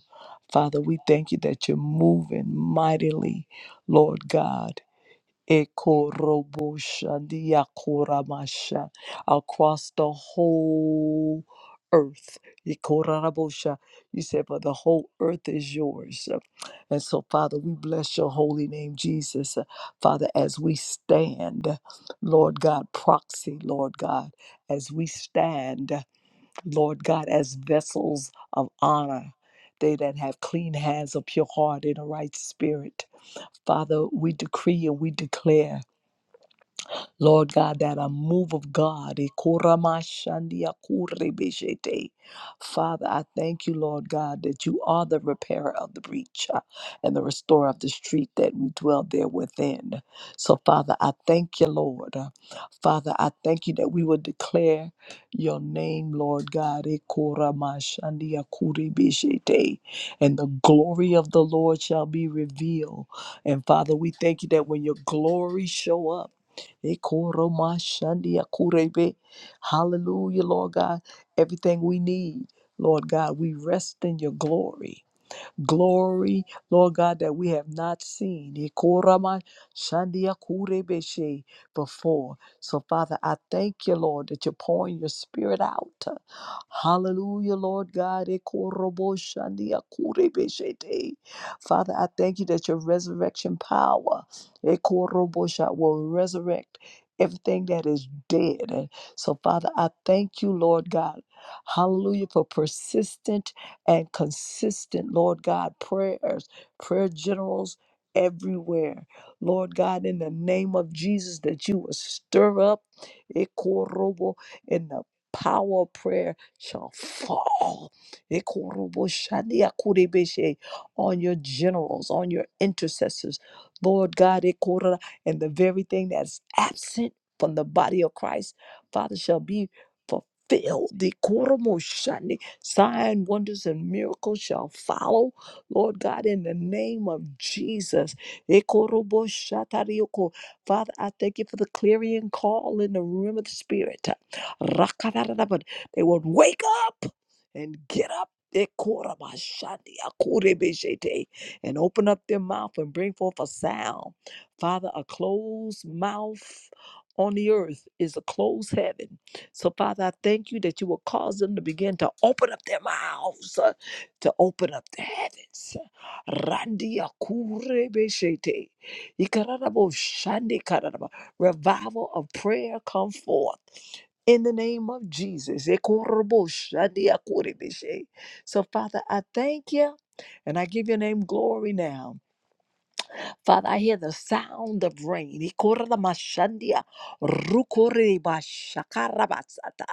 Father, we thank you that you're moving mightily, Lord God. Ekoroboshandiakoramasha, across the whole earth. Ikorarabosha. You said, but the whole earth is yours. And so, Father, we bless your holy name, Jesus. Father, as we stand, Lord God, proxy, Lord God, as we stand, Lord God, as vessels of honor, they that have clean hands, a pure heart, and a right spirit. Father, we decree and we declare Lord God, that a move of God. eh, koramashandia kurebeshete. Father, I thank you, Lord God, that you are the repairer of the breach uh, and the restorer of the street that we dwell there within. So, Father, I thank you, Lord. Uh, Father, I thank you that we will declare your name, Lord God, eh, koramashandia kurebeshete, and the glory of the Lord shall be revealed. And Father, we thank you that when your glory show up, Ikoromashandiakurebe. Hallelujah, Lord God. Everything we need, Lord God, we rest in your glory glory, Lord God, that we have not seen Ikorama shandia kurebeshe, before. So, Father, I thank you, Lord, that you're pouring your spirit out. Hallelujah, Lord God. Ikorobo shandia kurebeshe te. Father, I thank you that your resurrection power Ikorobo sha- will resurrect everything that is dead. And so, Father, I thank you, Lord God. Hallelujah, for persistent and consistent, Lord God, prayers, prayer generals everywhere. Lord God, in the name of Jesus, that you will stir up Ekorobo and the power of prayer shall fall Ekorobo Shadia Kurebeshe, on your generals, on your intercessors. Lord God, Ekora, and the very thing that's absent from the body of Christ, Father, shall be fulfilled. The Sign, wonders, and miracles shall follow, Lord God, in the name of Jesus. Ekorobo shatarioko. Father, I thank you for the clarion call in the room of the Spirit. Rakadadadabad. They would wake up and get up. Ekorabashandi, akorebeshete, And open up their mouth and bring forth a sound. Father, a closed mouth on the earth is a closed heaven. So, Father, I thank you that you will cause them to begin to open up their mouths, uh, to open up the heavens. Randia kurebeshete. Ikararabo shande kararaba. Revival of prayer come forth in the name of Jesus. Ekorobo shandia kurebeshe. So, Father, I thank you and I give your name glory now. Father, I hear the sound of rain. Ikoramashandia, rukoribashakarabatsata.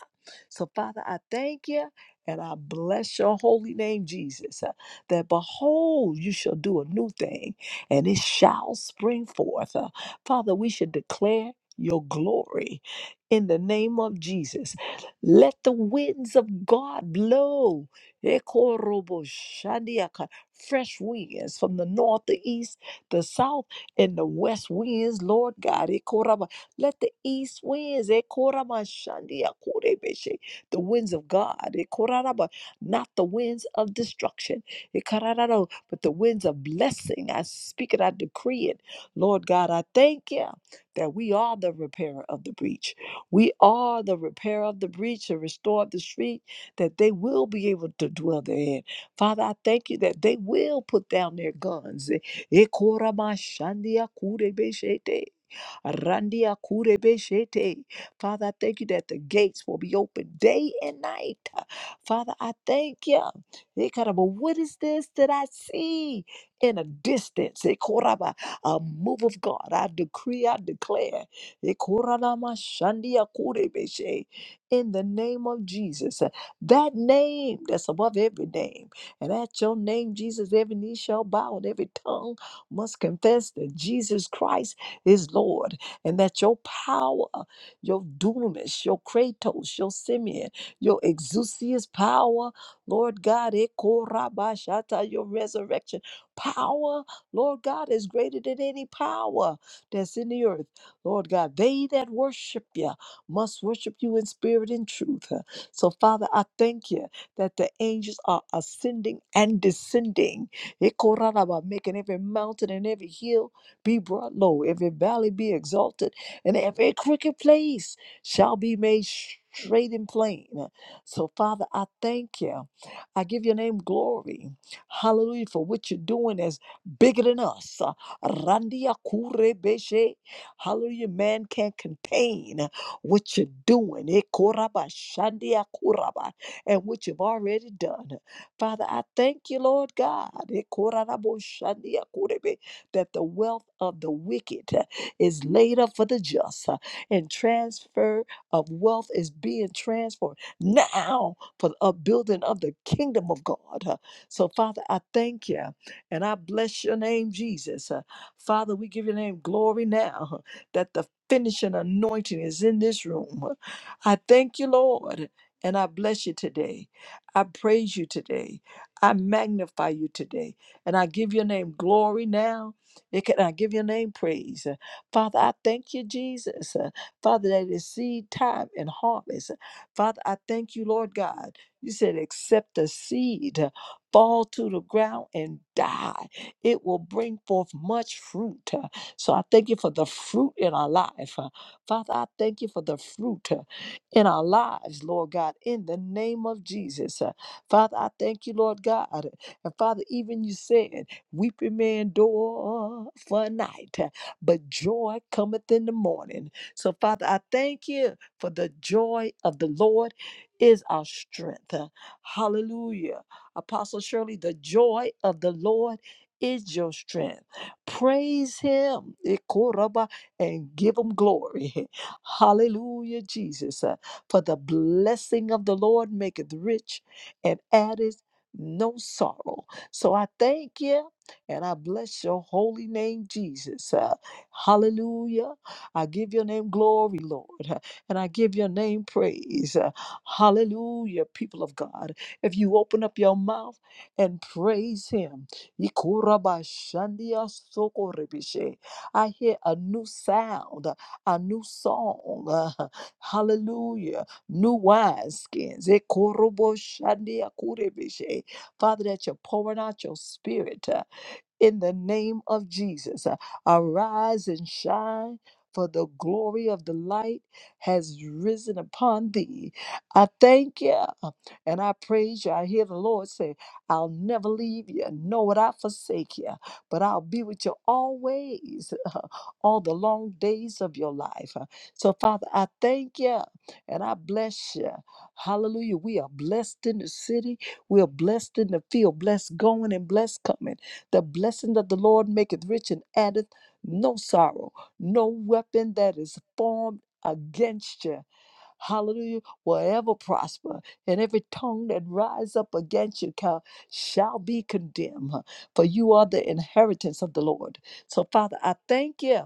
So, Father, I thank you and I bless your holy name, Jesus, uh, that behold, you shall do a new thing and it shall spring forth. Uh, Father, we should declare your glory in the name of Jesus. Let the winds of God blow. Ekorobo Ekoroboshandiaka, Fresh winds from the north, the east, the south and the west winds, Lord God. Ekoraba. Let the east winds, Ekorama Shandia Korebeshe, the winds of God, Ekoraraba, not the winds of destruction, Ekarararo, but the winds of blessing. I speak it, I decree it. Lord God, I thank you that we are the repairer of the breach. We are the repairer of the breach, and restorer the street, that they will be able to dwell therein. Father, I thank you that they will put down their guns. eh, Ekora mashandia kure beshete. Randia kure beshete. Father, I thank you that the gates will be open day and night. Father, I thank you. Ekara, But what is this that I see in a distance? Ekora ba, A move of God. I decree, I declare. Ekora la mashandia kure beshe. In the name of Jesus, that name that's above every name. And at your name, Jesus, every knee shall bow and every tongue must confess that Jesus Christ is Lord and that your power, your dunamis, your kratos, your Simeon, your exousias power, Lord God, ekorabashata, your resurrection power, Lord God, is greater than any power that's in the earth. Lord God, they that worship you must worship you in spirit and truth. So, Father, I thank you that the angels are ascending and descending Ikorarabah, Making every mountain and every hill be brought low, every valley be exalted, and every crooked place shall be made straight and plain. So, Father, I thank you. I give your name glory. Hallelujah for what you're doing is bigger than us. Uh, Randia kure beshe. Hallelujah. Man can't contain what you're doing. Eh, koraba shandia koraba. And what you've already done. Father, I thank you, Lord God, that the wealth of the wicked eh, is laid up for the just, uh, and transfer of wealth is being transferred now for the upbuilding of the kingdom of God. uh. So, Father, I thank you and I bless your name, Jesus. Uh, Father, we give your name glory now uh, that the finishing anointing is in this room. eh. I thank you, Lord, and I bless you today. I praise you today. I magnify you today. And I give your name glory now. And can I give your name praise? Uh, Father, I thank you, Jesus. Uh, Father, that is seed time and harvest. Father, I thank you, Lord God. You said, except the seed uh, fall to the ground and die, it will bring forth much fruit. Uh, So I thank you for the fruit in our life. Uh, Father, I thank you for the fruit in our lives, Lord God, in the name of Jesus. Uh, Father, I thank you, Lord God. Uh, And Father, even you said, weeping may endure for a night, uh, but joy cometh in the morning. So, Father, I thank you for the joy of the Lord is our strength. Uh, Hallelujah. Apostle Shirley, the joy of the Lord is your strength. Praise him Ikoraba, and give him glory. Hallelujah, Jesus. For the blessing of the Lord maketh rich and addeth no sorrow. So I thank you and I bless your holy name, Jesus. Uh, hallelujah. I give your name glory, Lord, uh, and I give your name praise. Uh, hallelujah, people of God. If you open up your mouth and praise Him, I hear a new sound, a new song. Uh, Hallelujah. New wineskins. Ekorobo shandia kurebeshe. Father, that you're pouring out your spirit. uh, in the name of Jesus. Uh, Arise and shine, for the glory of the light has risen upon thee. I thank you uh, and I praise you. I hear the Lord say, I'll never leave you, nor would I forsake you, but I'll be with you always, uh, all the long days of your life. Uh, So, Father, I thank you and I bless you. Hallelujah. We are blessed in the city. We are blessed in the field, blessed going and blessed coming. The blessing of the Lord maketh rich and addeth no sorrow. No weapon that is formed against you hallelujah, will ever prosper. And every tongue that rise up against you ca- shall be condemned, huh, for you are the inheritance of the Lord. So, Father, I thank you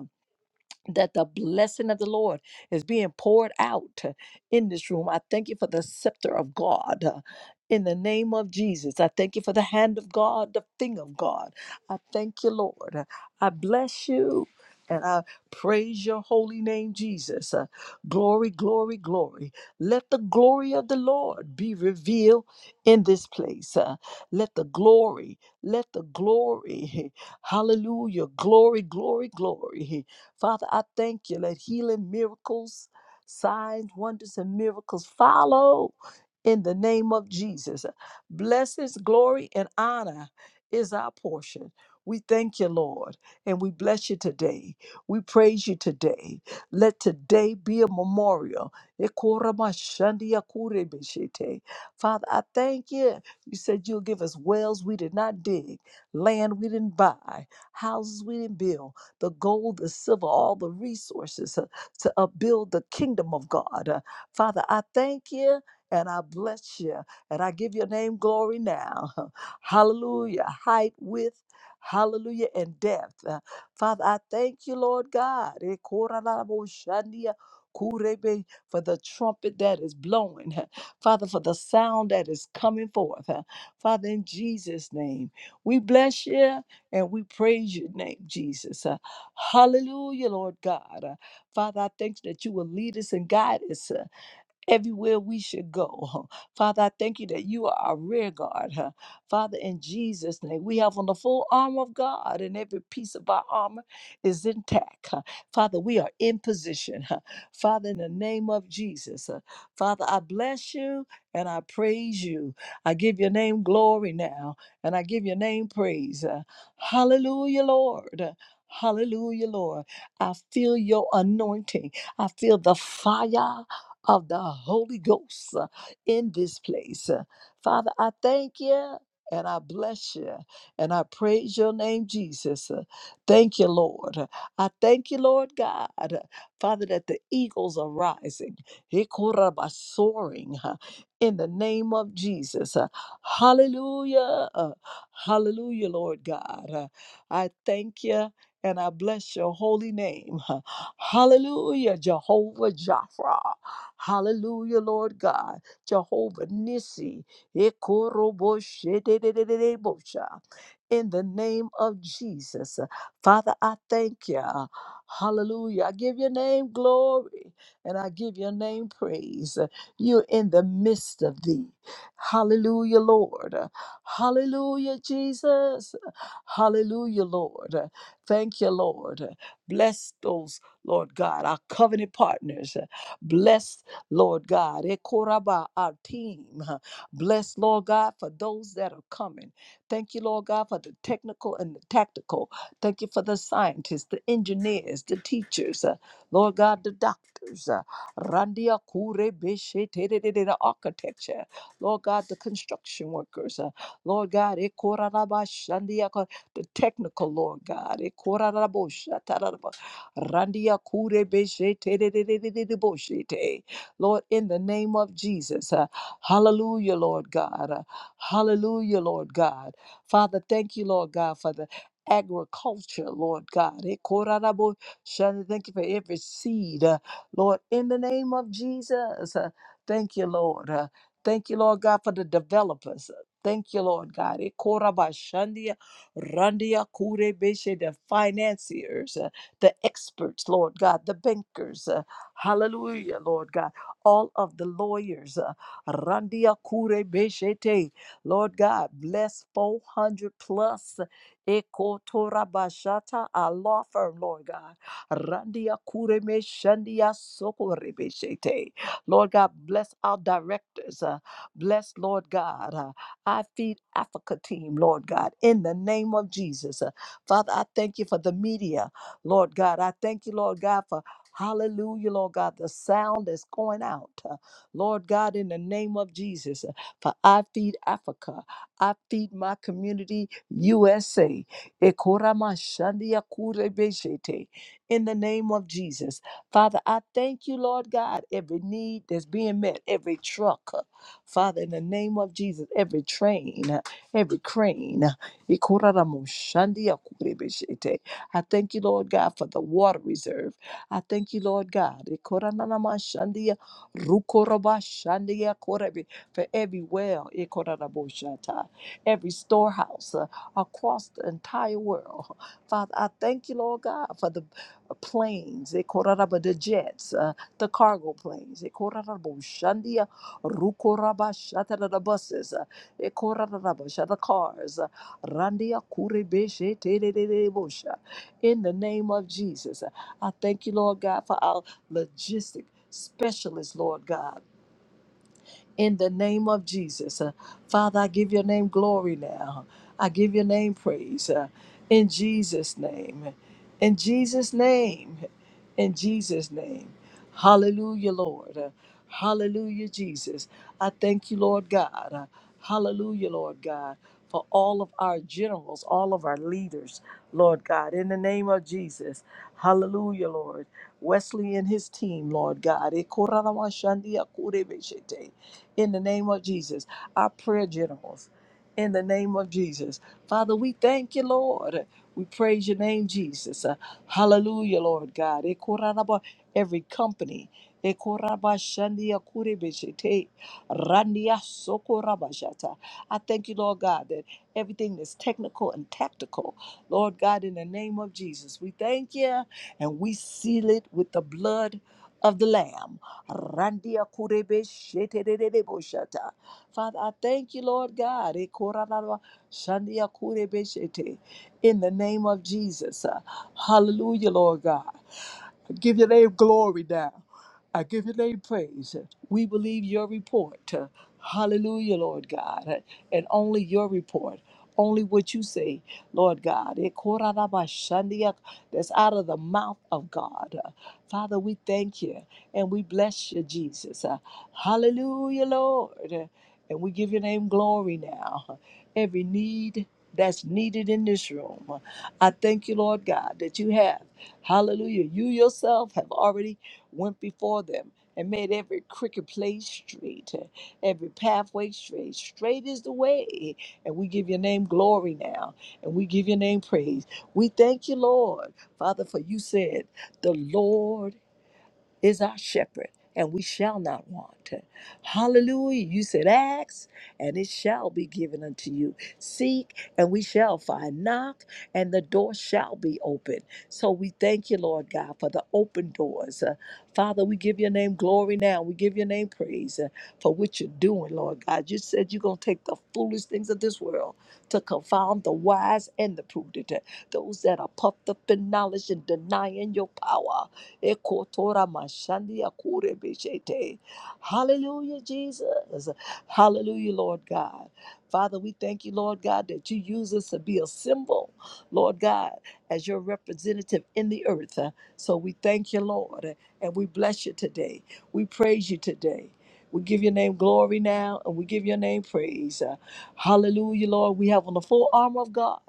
that the blessing of the Lord is being poured out uh, in this room. I thank you for the scepter of God. uh, In the name of Jesus, I thank you for the hand of God, the finger of God. I thank you, Lord. I bless you and I praise your holy name, Jesus. Uh, Glory, glory, glory. Let the glory of the Lord be revealed in this place. Uh, Let the glory, let the glory, hallelujah, glory, glory, glory. Father, I thank you. Let healing miracles, signs, wonders, and miracles follow in the name of Jesus. Blessings, glory, and honor is our portion. We thank you, Lord, and we bless you today. We praise you today. Let today be a memorial. Ekoramashandiakurebeshete. Father, I thank you. You said you'll give us wells we did not dig, land we didn't buy, houses we didn't build, the gold, the silver, all the resources uh, to upbuild the kingdom of God. Uh, Father, I thank you and I bless you and I give your name glory now. Hallelujah. Height, width, hallelujah, and depth. Uh, Father, I thank you, Lord God. Eh, kora la bo shandia kurebe, For the trumpet that is blowing, Father, for the sound that is coming forth. Uh, Father, in Jesus' name, we bless you and we praise your name, Jesus. Uh, hallelujah, Lord God. Uh, Father, I thank you that you will lead us and guide us. Uh, everywhere we should go. huh. Father, I thank you that you are our rear guard. huh. Father, in Jesus' name, we have on the full armor of God, and every piece of our armor is intact. huh. Father, we are in position. huh. Father, in the name of Jesus, huh. Father, I bless you and I praise you. I give your name glory now, and I give your name praise. huh. Hallelujah, Lord. uh, Hallelujah, Lord. I feel your anointing. I feel the fire of the Holy Ghost uh, in this place. Uh, Father, I thank you. And I bless you and I praise your name, Jesus. Uh, Thank you, Lord. Uh, I thank you, Lord God, uh, Father, that the eagles are rising, Hikoraba soaring uh, in the name of Jesus. Uh, Hallelujah. Uh, Hallelujah, Lord God. Uh, I thank you and I bless your holy name. Hallelujah, Jehovah Jireh. Hallelujah, Lord God. Jehovah Nissi. In the name of Jesus. Father, I thank you. Hallelujah. I give your name glory and I give your name praise. You're in the midst of thee. Hallelujah, Lord. Hallelujah, Jesus. Hallelujah, Lord. Thank you, Lord. Bless those, Lord God, our covenant partners. Bless, Lord God, Ekoraba, our team. Bless, Lord God, for those that are coming. Thank you, Lord God, for the technical and the tactical. Thank you for the scientists, the engineers, the teachers, uh, Lord God, the doctors. uh, Randia Kure Beshe Tererere, the architecture. Lord God, the construction workers. uh, Lord God, Ekoraba, Shandia the technical, Lord God. E korarabosha, tararabo- randia kurebeshe, tererererereboshete. Lord, in the name of Jesus, uh, hallelujah, Lord God. uh, hallelujah, Lord God. Father, thank you, Lord God, for the agriculture, Lord God. E korarabo- shana, Thank you for every seed, uh, Lord, in the name of Jesus. uh, thank you, Lord. uh, thank you, Lord God, for the developers. uh, Thank you, Lord God. E korabashandia Randia Kure Beshe, the financiers, uh, the experts, Lord God, the bankers, uh, hallelujah, Lord God, all of the lawyers, uh, Randia Kure Beshe Te, Lord God, bless 400 plus Ekotora Bashata, our law firm, Lord God. Randia Kure Me Shandia Sokore Beshe Te. Lord God, bless our directors. uh, bless, Lord God. Uh, I Feed Africa team, Lord God, in the name of Jesus. Uh, Father, I thank you for the media, Lord God. I thank you, Lord God, for Hallelujah, Lord God, the sound that's going out. Uh, Lord God, in the name of Jesus, uh, for I feed Africa. I feed my community, USA. Ekoramashandiakurebeshete. In the name of Jesus. Father, I thank you, Lord God, every need that's being met, every truck. uh, Father, in the name of Jesus, every train, every crane, I thank you, Lord God, for the water reserve. I thank you, Lord God, for every well, every storehouse uh, across the entire world. Father, I thank you, Lord God, for the planes, the jets, uh, the cargo planes. Rukorabashata the buses, Ekorabasha the cars, uh, Randia Kurebeshe Tedebosha. In the name of Jesus, I thank you, Lord God, for our logistic specialist, Lord God in the name of Jesus. Uh, Father, I give your name glory now. I give your name praise uh, in Jesus' name. In Jesus' name. In Jesus' name. Hallelujah, Lord. Uh, Hallelujah, Jesus. I thank you, Lord God. Uh, Hallelujah, Lord God, for all of our generals, all of our leaders, Lord God, in the name of Jesus. Hallelujah, Lord. Wesley and his team, Lord God. Ekoraramashandiakurebeshete in the name of Jesus, our prayer generals, in the name of Jesus. Father, we thank you, Lord. We praise your name, Jesus. Uh, hallelujah, Lord God. Ekorarabo, Every company. Ekorabashandia kurebeshete, randia sokorabashata. I thank you, Lord God, that everything that's technical and tactical, Lord God, in the name of Jesus, we thank you and we seal it with the blood of the Lamb. Randia kurebe shetererebo shata. Father, I thank you, Lord God. E korararwa shandia kurebe shete. In the name of Jesus. Uh, Hallelujah, Lord God. I give your name glory now. I give your name praise. We believe your report. Hallelujah, Lord God. And only your report, only what you say, Lord God. That's out of the mouth of God. Father, we thank you and we bless you, Jesus. Uh, hallelujah, Lord. Uh, And we give your name glory now. Every need that's needed in this room. uh, I thank you, Lord God, that you have. Hallelujah. You yourself have already went before them and made every crooked place straight, uh, every pathway straight. Straight is the way. And we give your name glory now. And we give your name praise. We thank you, Lord, Father, for you said. The Lord is our shepherd, and we shall not want. Hallelujah. You said, Ask, and it shall be given unto you. Seek, and we shall find. Knock, and the door shall be open. So we thank you, Lord God, for the open doors. Uh, Father, we give your name glory now. We give your name praise uh, for what you're doing, Lord God. You said you're going to take the foolish things of this world to confound the wise and the prudent, uh, those that are puffed up in knowledge and denying your power. Ekotora mashandia kure bishete. Hallelujah, Jesus. Hallelujah, Lord God. Father, we thank you, Lord God, that you use us to be a symbol, Lord God, as your representative in the earth. Uh, So we thank you, Lord, and we bless you today. We praise you today. We give your name glory now and we give your name praise. Uh, Hallelujah, Lord. We have on the full armor of God,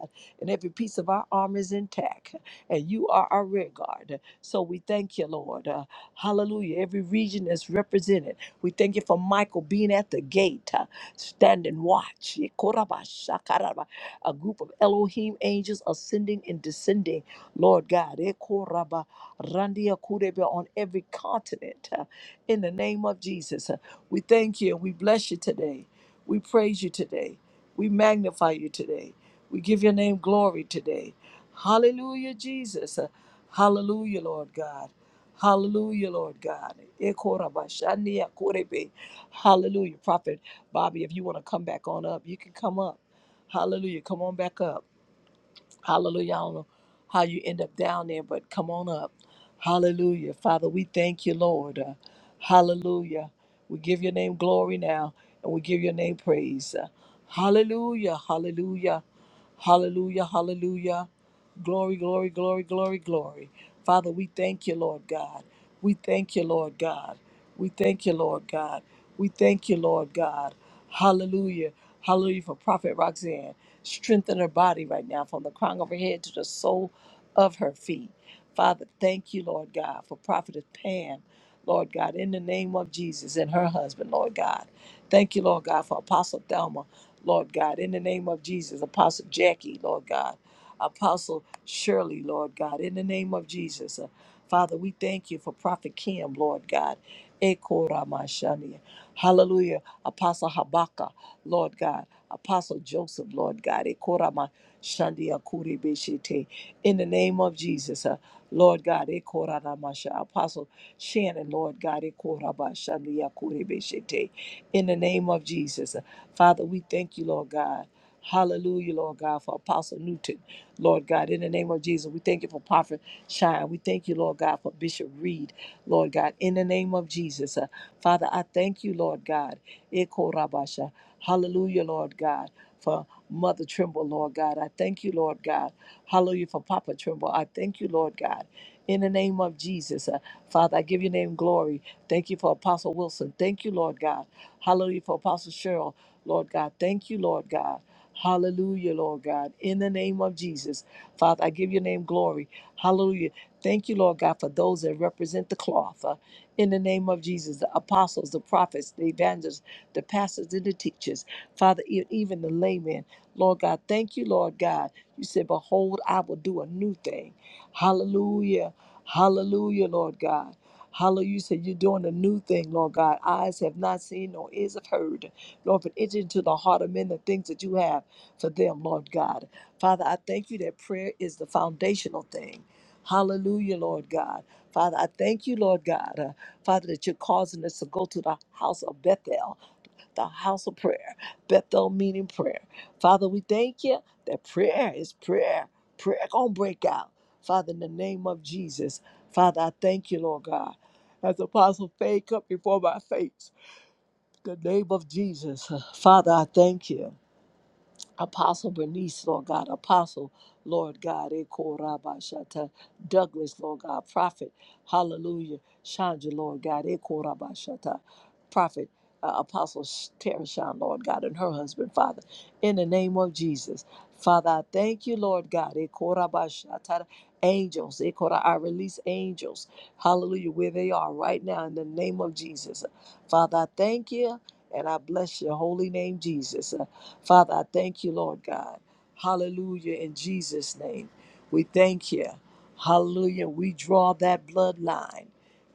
and every piece of our armor is intact. And you are our rear guard. So we thank you, Lord. Uh, hallelujah. Every region is represented. We thank you for Michael being at the gate, uh, standing watch. Ikorabashakaraba. A group of Elohim angels ascending and descending, Lord God. Ikoraba randia kurebe On every continent, uh, in the name of Jesus. Uh, we thank you we bless you today. We praise you today. We magnify you today. We give your name glory today. Hallelujah, Jesus. Uh, Hallelujah, Lord God. Hallelujah, Lord God. Ekorabashania korebe. Hallelujah. Prophet Bobby, if you want to come back on up, you can come up. Hallelujah. Come on back up. Hallelujah. I don't know how you end up down there, but come on up. Hallelujah. Father, we thank you, Lord. Uh, hallelujah. We give your name glory now and we give your name praise. Uh, hallelujah. Hallelujah. Hallelujah. Hallelujah. Glory, glory, glory, glory, glory. Father, we thank you, Lord God. We thank you, Lord God. We thank you, Lord God. We thank you, Lord God. Hallelujah. Hallelujah for Prophet Roxanne. Strengthen her body right now from the crown of her head to the sole of her feet. Father, thank you, Lord God, for Prophetess Pam, Lord God, in the name of Jesus and her husband, Lord God. Thank you, Lord God, for Apostle Thelma, Lord God, in the name of Jesus, Apostle Jackie, Lord God, Apostle Shirley, Lord God, in the name of Jesus. Uh, Father, we thank you for Prophet Kim, Lord God. Eko Ramashani. Hallelujah. Apostle Habaka, Lord God. Apostle Joseph, Lord God. Eko Ramashandi Akuri In the name of Jesus, uh, Lord God. Eko Ramasha. Apostle Shannon, Lord God. Eko Ramashandi Akuri in the name of Jesus. Father, we thank you, Lord God. Hallelujah, Lord God, for Apostle Newton, Lord God, in the name of Jesus. We thank you for Prophet Shine. We thank you, Lord God, for Bishop Reed, Lord God, in the name of Jesus. Uh, Father, I thank you, Lord God. Eko Rabasha. Hallelujah, Lord God for Mother Trimble, Lord God. I thank you, Lord God. Hallelujah for Papa Trimble. I thank you, Lord God. In the name of Jesus, uh, Father, I give your name glory. Thank you for Apostle Wilson. Thank you, Lord God. Hallelujah for Apostle Cheryl, Lord God. Thank you, Lord God. Hallelujah, Lord God. In the name of Jesus, Father, I give your name glory. Hallelujah. Thank you, Lord God, for those that represent the cloth. uh, in the name of Jesus, the apostles, the prophets, the evangelists, the pastors, and the teachers. Father, e- even the layman. Lord God, thank you, Lord God. You said, Behold, I will do a new thing. Hallelujah. Hallelujah, Lord God. Hallelujah. You said you're doing a new thing, Lord God. Eyes have not seen, nor ears have heard. Lord, but enter into the heart of men the things that you have for them, Lord God. Father, I thank you that prayer is the foundational thing. Hallelujah, Lord God. Father, I thank you, Lord God. uh, Father, that you're causing us to go to the house of Bethel the house of prayer, Bethel meaning prayer. Father, we thank you that prayer is prayer. Prayer gonna break out. Father, in the name of Jesus, Father, I thank you, Lord God. As Apostle Faith come before my face, the name of Jesus, Father, I thank you. Apostle Bernice, Lord God, Apostle, Lord God, Eko Rabba Shata, Douglas, Lord God, Prophet, Hallelujah, Chandra, Lord God, Eko Rabba Shata, Prophet, uh, Apostle Tereshan, Lord God, and her husband, Father, in the name of Jesus. Father, I thank you, Lord God, Eko Rabba Shata, angels, Eko Ra- I release angels, hallelujah, where they are right now in the name of Jesus. Father, I thank you and I bless your holy name, Jesus. Father, I thank you, Lord God. Hallelujah. In Jesus' name, we thank you. Hallelujah. We draw that bloodline.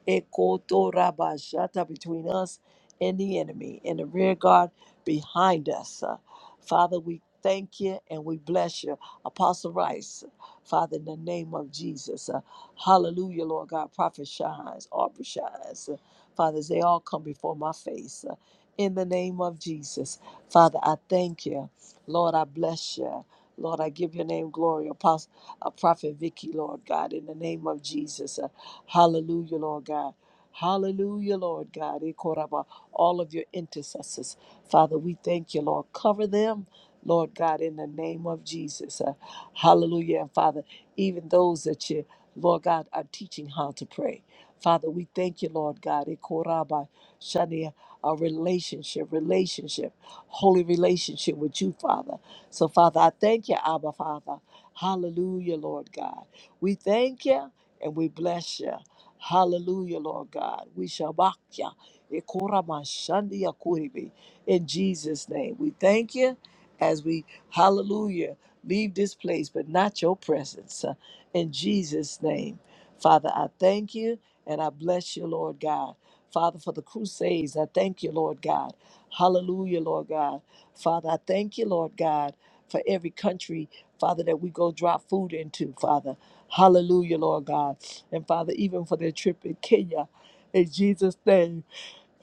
Ekotorabashata, Between us and the enemy, and the rear guard behind us. Uh, Father, we thank you and we bless you. Apostle Rice, Father, in the name of Jesus. Uh, hallelujah, Lord God. Prophet Shines, Aubrey Shines. uh, Father, as they all come before my face. Uh, in the name of Jesus. Father, I thank you. Lord, I bless you. Lord, I give your name glory. Apostle, uh, Prophet Vicky, Lord God, in the name of Jesus. Uh, hallelujah, Lord God. Hallelujah, Lord God. Ikoraba, All of your intercessors. Father, we thank you, Lord. Cover them, Lord God, in the name of Jesus. Uh, hallelujah. And Father, even those that you Lord God, I'm teaching how to pray. Father, we thank you, Lord God. Ikoraba shania, A relationship, relationship, holy relationship with you, Father. So, Father, I thank you, Abba, Father. Hallelujah, Lord God. We thank you and we bless you. Hallelujah, Lord God. We shall back you. Ikorama shania kuribi. In Jesus' name, we thank you as we, hallelujah, leave this place, but not your presence in Jesus' name. Father, I thank you and I bless you, Lord God. Father, for the crusades, I thank you, Lord God. Hallelujah, Lord God. Father, I thank you, Lord God, for every country, Father, that we go drop food into, Father. Hallelujah, Lord God. And Father, even for their trip in Kenya, in Jesus' name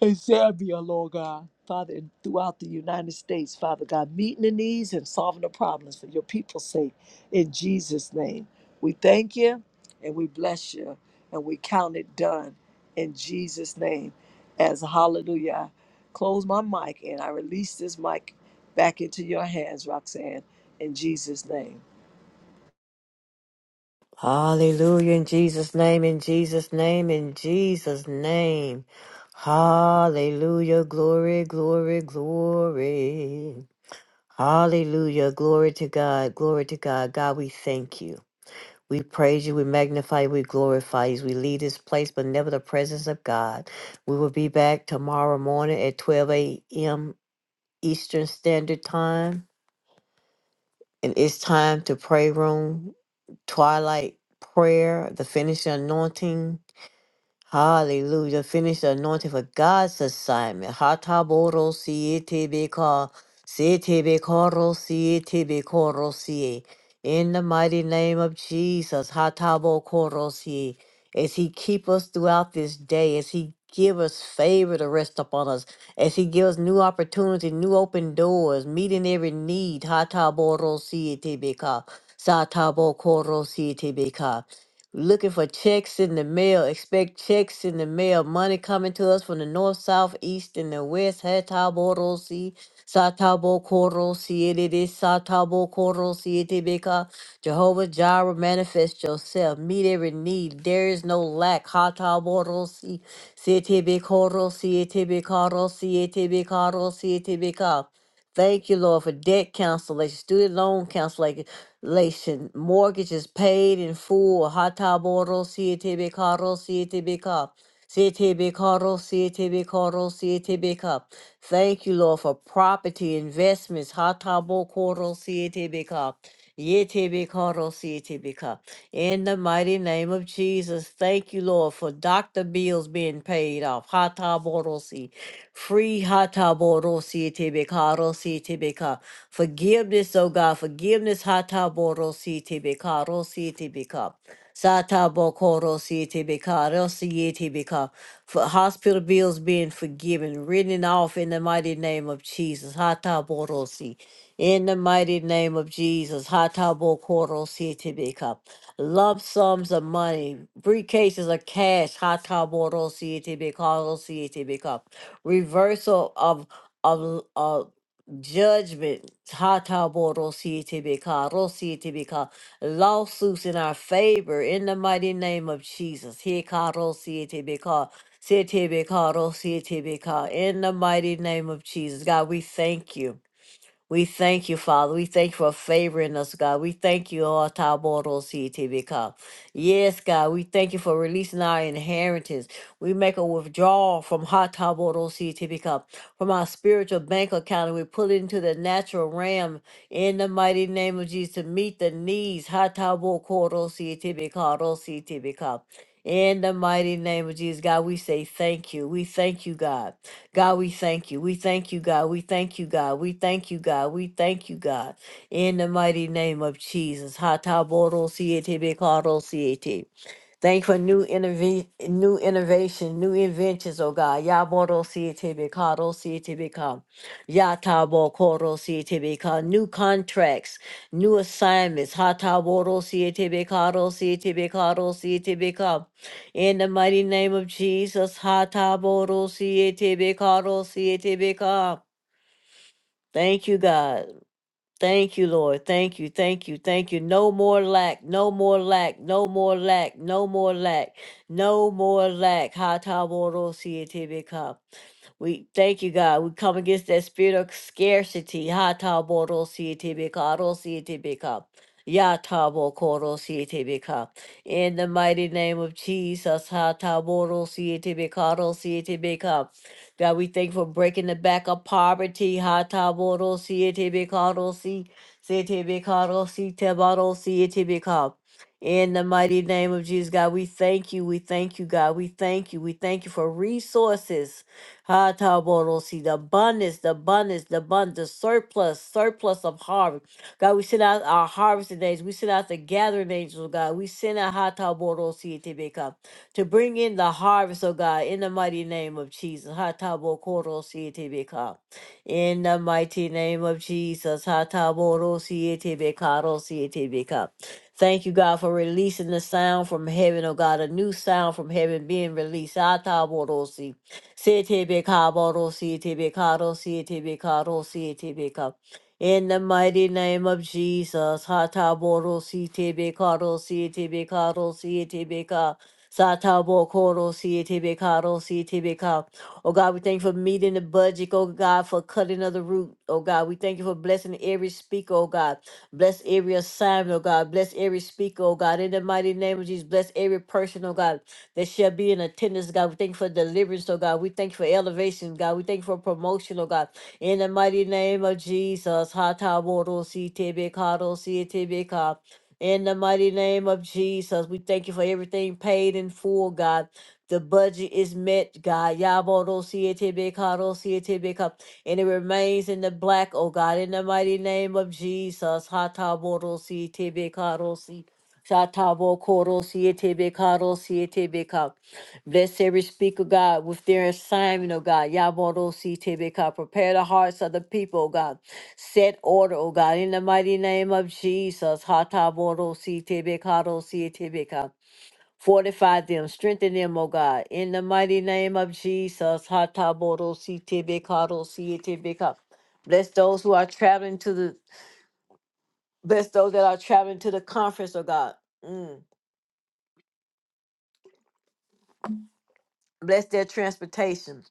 in Zambia, Lord God, Father, and throughout the United States, Father God, meeting the needs and solving the problems for your people's sake. In Jesus' name, we thank you and we bless you and we count it done in Jesus' name. As hallelujah, I close my mic and I release this mic back into your hands, Roxanne, in Jesus' name. Hallelujah. In Jesus' name, in Jesus' name, in Jesus' name. Hallelujah. Glory, glory, glory. Hallelujah. Glory to God. Glory to God. God, we thank you. We praise you. We magnify you. We glorify you. we leave this place, but never the presence of God. We will be back tomorrow morning at 12 a.m. Eastern Standard Time. And it's time to pray room, twilight prayer, the finishing anointing. Hallelujah. Finish the anointing for God's assignment. Hataboro siete ka siete koro siete sie. In the mighty name of Jesus, hatabo koro sie. As he keep us throughout this day, as he give us favor to rest upon us, as he gives us new opportunity, new open doors, meeting every need. Hataboro siete ka satabo koro looking for checks in the mail. Expect checks in the mail. Money coming to us from the north, south, east, and the west. Hatabo rosi, satabo koro siete, satabo koro siete beka. Jehovah Jireh, manifest yourself. Meet every need. There is no lack. Hatabo rosi, siete bekoro siete bekaro siete bekaro siete beka. Thank you, Lord, for debt cancellation, student loan cancellation, mortgages paid in full. Hataboro, CTB Caro, CTB Cop. CTB Caro, CTB Caro, CTB Cop. Thank you, Lord, for property investments. Hatabo Coro, CTB Cop. Yetebikarosetebika. In the mighty name of Jesus, thank you, Lord, for doctor bills being paid off. Hataborosi. Free hataborosetebikarosetebika. Forgiveness, oh God, forgiveness. Hataborosetebikarosetebika. Satabo Koro CTBK, LCETBK, for hospital bills being forgiven, written off in the mighty name of Jesus. Hataborosi. In the mighty name of Jesus. Hatabo Koro CTBK. Lump sums of money, briefcases of cash. Hataboro CTBK, LCETBK. Reversal of, of, of judgment. Hataboro CTBK, LCETBK lawsuits in our favor in the mighty name of Jesus. Hikaro sietebeka, sietebeka, ro sietebeka, In the mighty name of Jesus. God, we thank you. We thank you, Father. We thank you for favoring us, God. We thank you, all Taboros become. Yes, God. We thank you for releasing our inheritance. We make a withdrawal from Hot Taboros become from our spiritual bank account and we put it into the natural realm in the mighty name of Jesus to meet the needs. Hot Taboros become. In the mighty name of Jesus, God, we say thank you. We thank you, God. God, we thank you. We thank you, God. We thank you, God. We thank you, God. We thank you, God. In the mighty name of Jesus. Hatabodo siete bekado siete. Thank you for new innov- new innovation, new inventions, oh God. Yaboro CTBK, Ro CTBK, Yatabo Koro CTBK, new contracts, new assignments, Hataboro CTBK, Ro CTBK, Ro CTBK. In the mighty name of Jesus, Hataboro CTBK, Ro CTBK. Thank you, God. Thank you, Lord. Thank you. Thank you. Thank you. No more lack. No more lack. No more lack. No more lack. No more lack. Hata boro siete we thank you, God. We come against that spirit of scarcity. Hata boro siete beka, ro siete beka, yata boko ro siete beka. In the mighty name of Jesus, hata boro siete beka, ro siete beka. God, we thank you for breaking the back of poverty. Hata boro siete beka, ro si- siete beka, ro siete ba, ro siete beka. In the mighty name of Jesus, God, we thank you. We thank you, God. We thank you. We thank you for resources. Ha Hataborosi, the abundance, the abundance, the abundance, the surplus, surplus of harvest. God, we send out our harvesting days. We send out the gathering angels, oh God. We send out ha Hataborosi Tibeka to bring in the harvest, oh God, in the mighty name of Jesus. Ha Hatabokorosi Tibeka. In the mighty name of Jesus. Ha Hataborosi Tibeka, Rosi Tibeka. Thank you, God, for releasing the sound from heaven, oh God, a new sound from heaven being released. Ha Hataborosi. CTBK, Boro, CTBK, Ro, CTBK, Ro, CTBK. In the mighty name of Jesus, Hataboro, CTBK, Ro, CTBK, Ro, CTBK. Satabo Koro CTBK, Ro, CTBK. Oh God, we thank you for meeting the budget. Oh God, for cutting of the root. Oh God, we thank you for blessing every speaker. Oh God, bless every assignment. Oh God, bless every speaker. Oh God, in the mighty name of Jesus, bless every person. Oh God that shall be in attendance, God. We thank you for deliverance, oh God. We thank you for elevation, God. We thank you for promotion, oh God. In the mighty name of Jesus. Hatabodositebekadosi-tebeka. In the mighty name of Jesus, we thank you for everything paid in full, God. The budget is met, God. Yabodositebekadosi-tebeka. And it remains in the black, oh God. In the mighty name of Jesus. Hatabodositebekadosi. Satabo Koro Siete Bekaro Siete Beka. Bless every speaker, God, with their assignment, oh God. Yaboro Siete Beka. Prepare the hearts of the people, oh God. Set order, oh God, in the mighty name of Jesus. Hataboro Siete Bekaro Siete Beka. Fortify them, strengthen them, O God, in the mighty name of Jesus. Hataboro Siete Bekaro Siete Beka. Bless those who are traveling to the bless those that are traveling to the conference, oh God. Mm. Bless their transportation.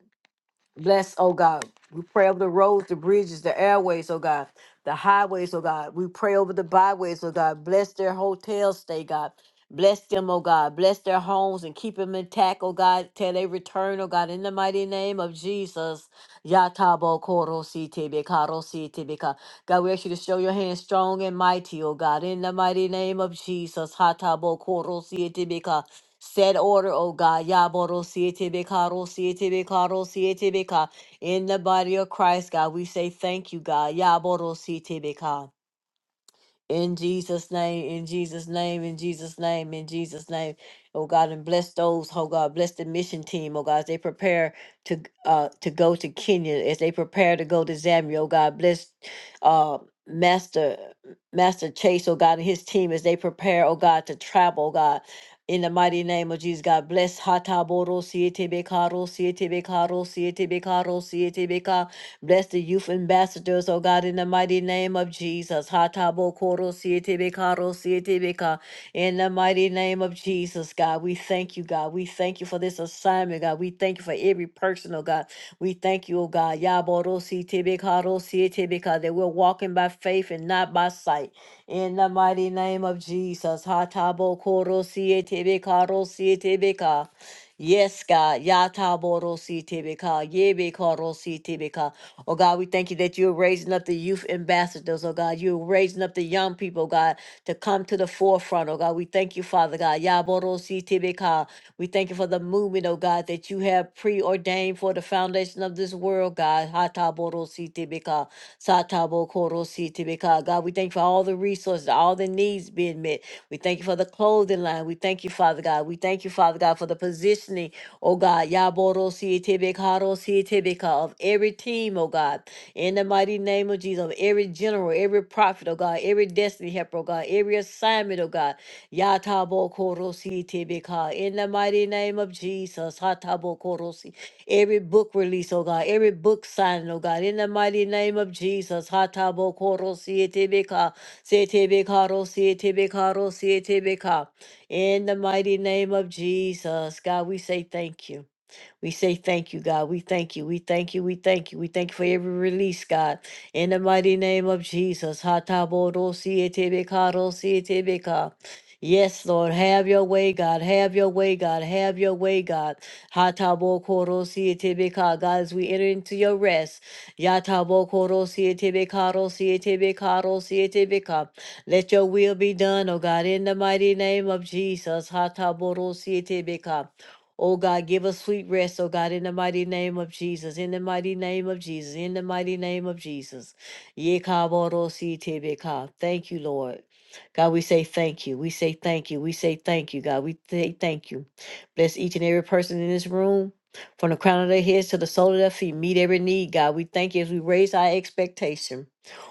Bless, oh God. We pray over the roads, the bridges, the airways, oh God, the highways, oh God. We pray over the byways, oh God. Bless their hotel stay, God. Bless them, oh God. Bless their homes and keep them intact, oh God, till they return, oh God, in the mighty name of Jesus. Yatabo koro si tebe karo si tebe ka. God, we ask you to show your hand strong and mighty, oh God, in the mighty name of Jesus. Hatabo koro si tebe ka. Set order, O God, Yaboro Siete Karo Siete Karo Siete Beka. In the body of Christ, God, we say thank you, God. Yaboro Siete beka. In Jesus' name, in Jesus' name, in Jesus' name, in Jesus' name. Oh God, and bless those, oh God, bless the mission team, oh God, as they prepare to uh to go to Kenya, as they prepare to go to Zambia, oh God, bless uh Master Master Chase, oh God, and his team as they prepare, oh God, to travel, oh God. In the mighty name of Jesus, God bless Hataboro, Siete Bekaro, Siete Bekaro, Siete Bekaro, Bless the youth ambassadors, oh God, in the mighty name of Jesus. Hatabo koro siete bekaro siete beka. In the mighty name of Jesus, God, we thank you, God. We thank you for this assignment, God. We thank you for every person, oh God. We thank you, oh God. Yaboro siete bekaro siete beka, That we're walking by faith and not by sight. In the mighty name of Jesus. Hatabo koro siete bekaro siete beka. Yes, God. Yataborosi tibika. Yebikorosi tibika. Oh God, we thank you that you're raising up the youth ambassadors, oh God. You're raising up the young people, God, to come to the forefront, oh God. We thank you, Father God. Yaborosi tibika. We thank you for the movement movement, oh God, that you have preordained for the foundation of this world, God. Hatabodositibika, satabokorositibika. God, we thank you for all the resources, all the needs being met. We thank you for the clothing line. We thank you, Father God. We thank you, Father God, for the positioning, oh God, Yaborositibikarositibika, of every team, oh God. In the mighty name of Jesus, of every general, every prophet, oh God, every destiny helper, oh God, every assignment, oh God. Yatabokorosi tibika. In the mighty name of Jesus. Hatabokorosi. Every book release, oh God. Every book signing, oh God. In the mighty name of Jesus. Hatabokorosi tibika. Setibikarosi tibikarosi tibika. In the mighty name of Jesus. God, we say thank you. We say thank you, God. We thank you. We thank you. We thank you. We thank you for every release, God. In the mighty name of Jesus. Hatabodosietebeka. Yes, Lord. Have your way, God. Have your way, God. Have your way, God. Hatabokoro God, as we enter into your rest. Yatabokoro Let your will be done, O God, in the mighty name of Jesus. Hataboro Oh God, give us sweet rest, oh God, in the mighty name of Jesus, in the mighty name of Jesus, in the mighty name of Jesus. Yekabodositebeka. Thank you, Lord. God, we say thank you. We say thank you. We say thank you, God. We say thank you. Bless each and every person in this room. From the crown of their heads to the sole of their feet, meet every need, God. We thank you as we raise our expectation.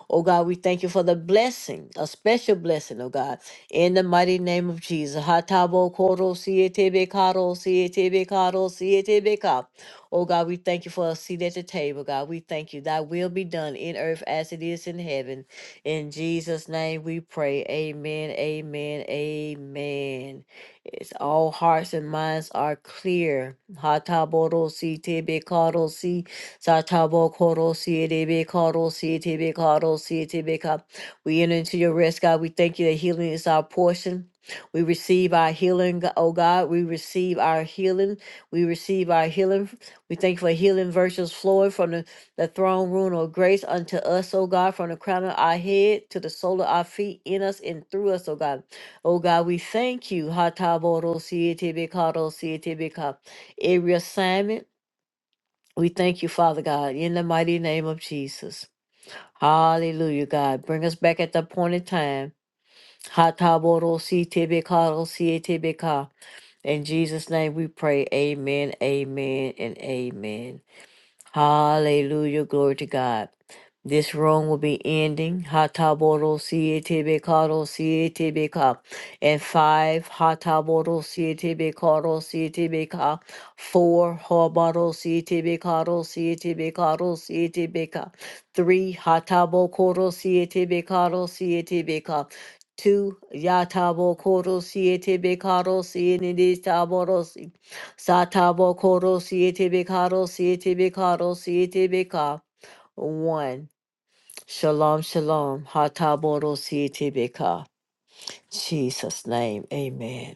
Oh God, we thank you for the blessing, a special blessing, oh God. In the mighty name of Jesus. Hatabo koro siete bekaro siete bekaro siete beka. Oh God, we thank you for a seat at the table, God. We thank you. Thy will be done in earth as it is in heaven. In Jesus' name we pray. Amen. Amen. Amen. It's all hearts and minds are clear. Hataboro siete bekaro si satabo koro siete bekaro siete bekaro siete beka. We enter into your rest, God. We thank you that healing is our portion. We receive our healing, G- oh God. We receive our healing. We receive our healing. We thank you for healing virtues flowing from the, the throne room of grace unto us, oh God, from the crown of our head to the sole of our feet, in us and through us, oh God. Oh God, we thank you. Hatabodosietibikadosietibika. Every assignment, we thank you, Father God, in the mighty name of Jesus. Hallelujah, God. Bring us back at the appointed time Hataborosi tebekalosi tebeka. In Jesus' name we pray. Amen, amen, and amen. Hallelujah. Glory to God. This room will be ending. Hataboro siete karo siete ka. And five, hataboro siete karo siete ka. Four, hobaro siete karo siete karo siete ka. Three, hatabo koro siete karo siete ka. Two, yatabo koro siete karo siete Satabo koro siete bekaro siete bekaro siete beka. One. Shalom, shalom. Hataboro siete beka. Jesus' name, amen.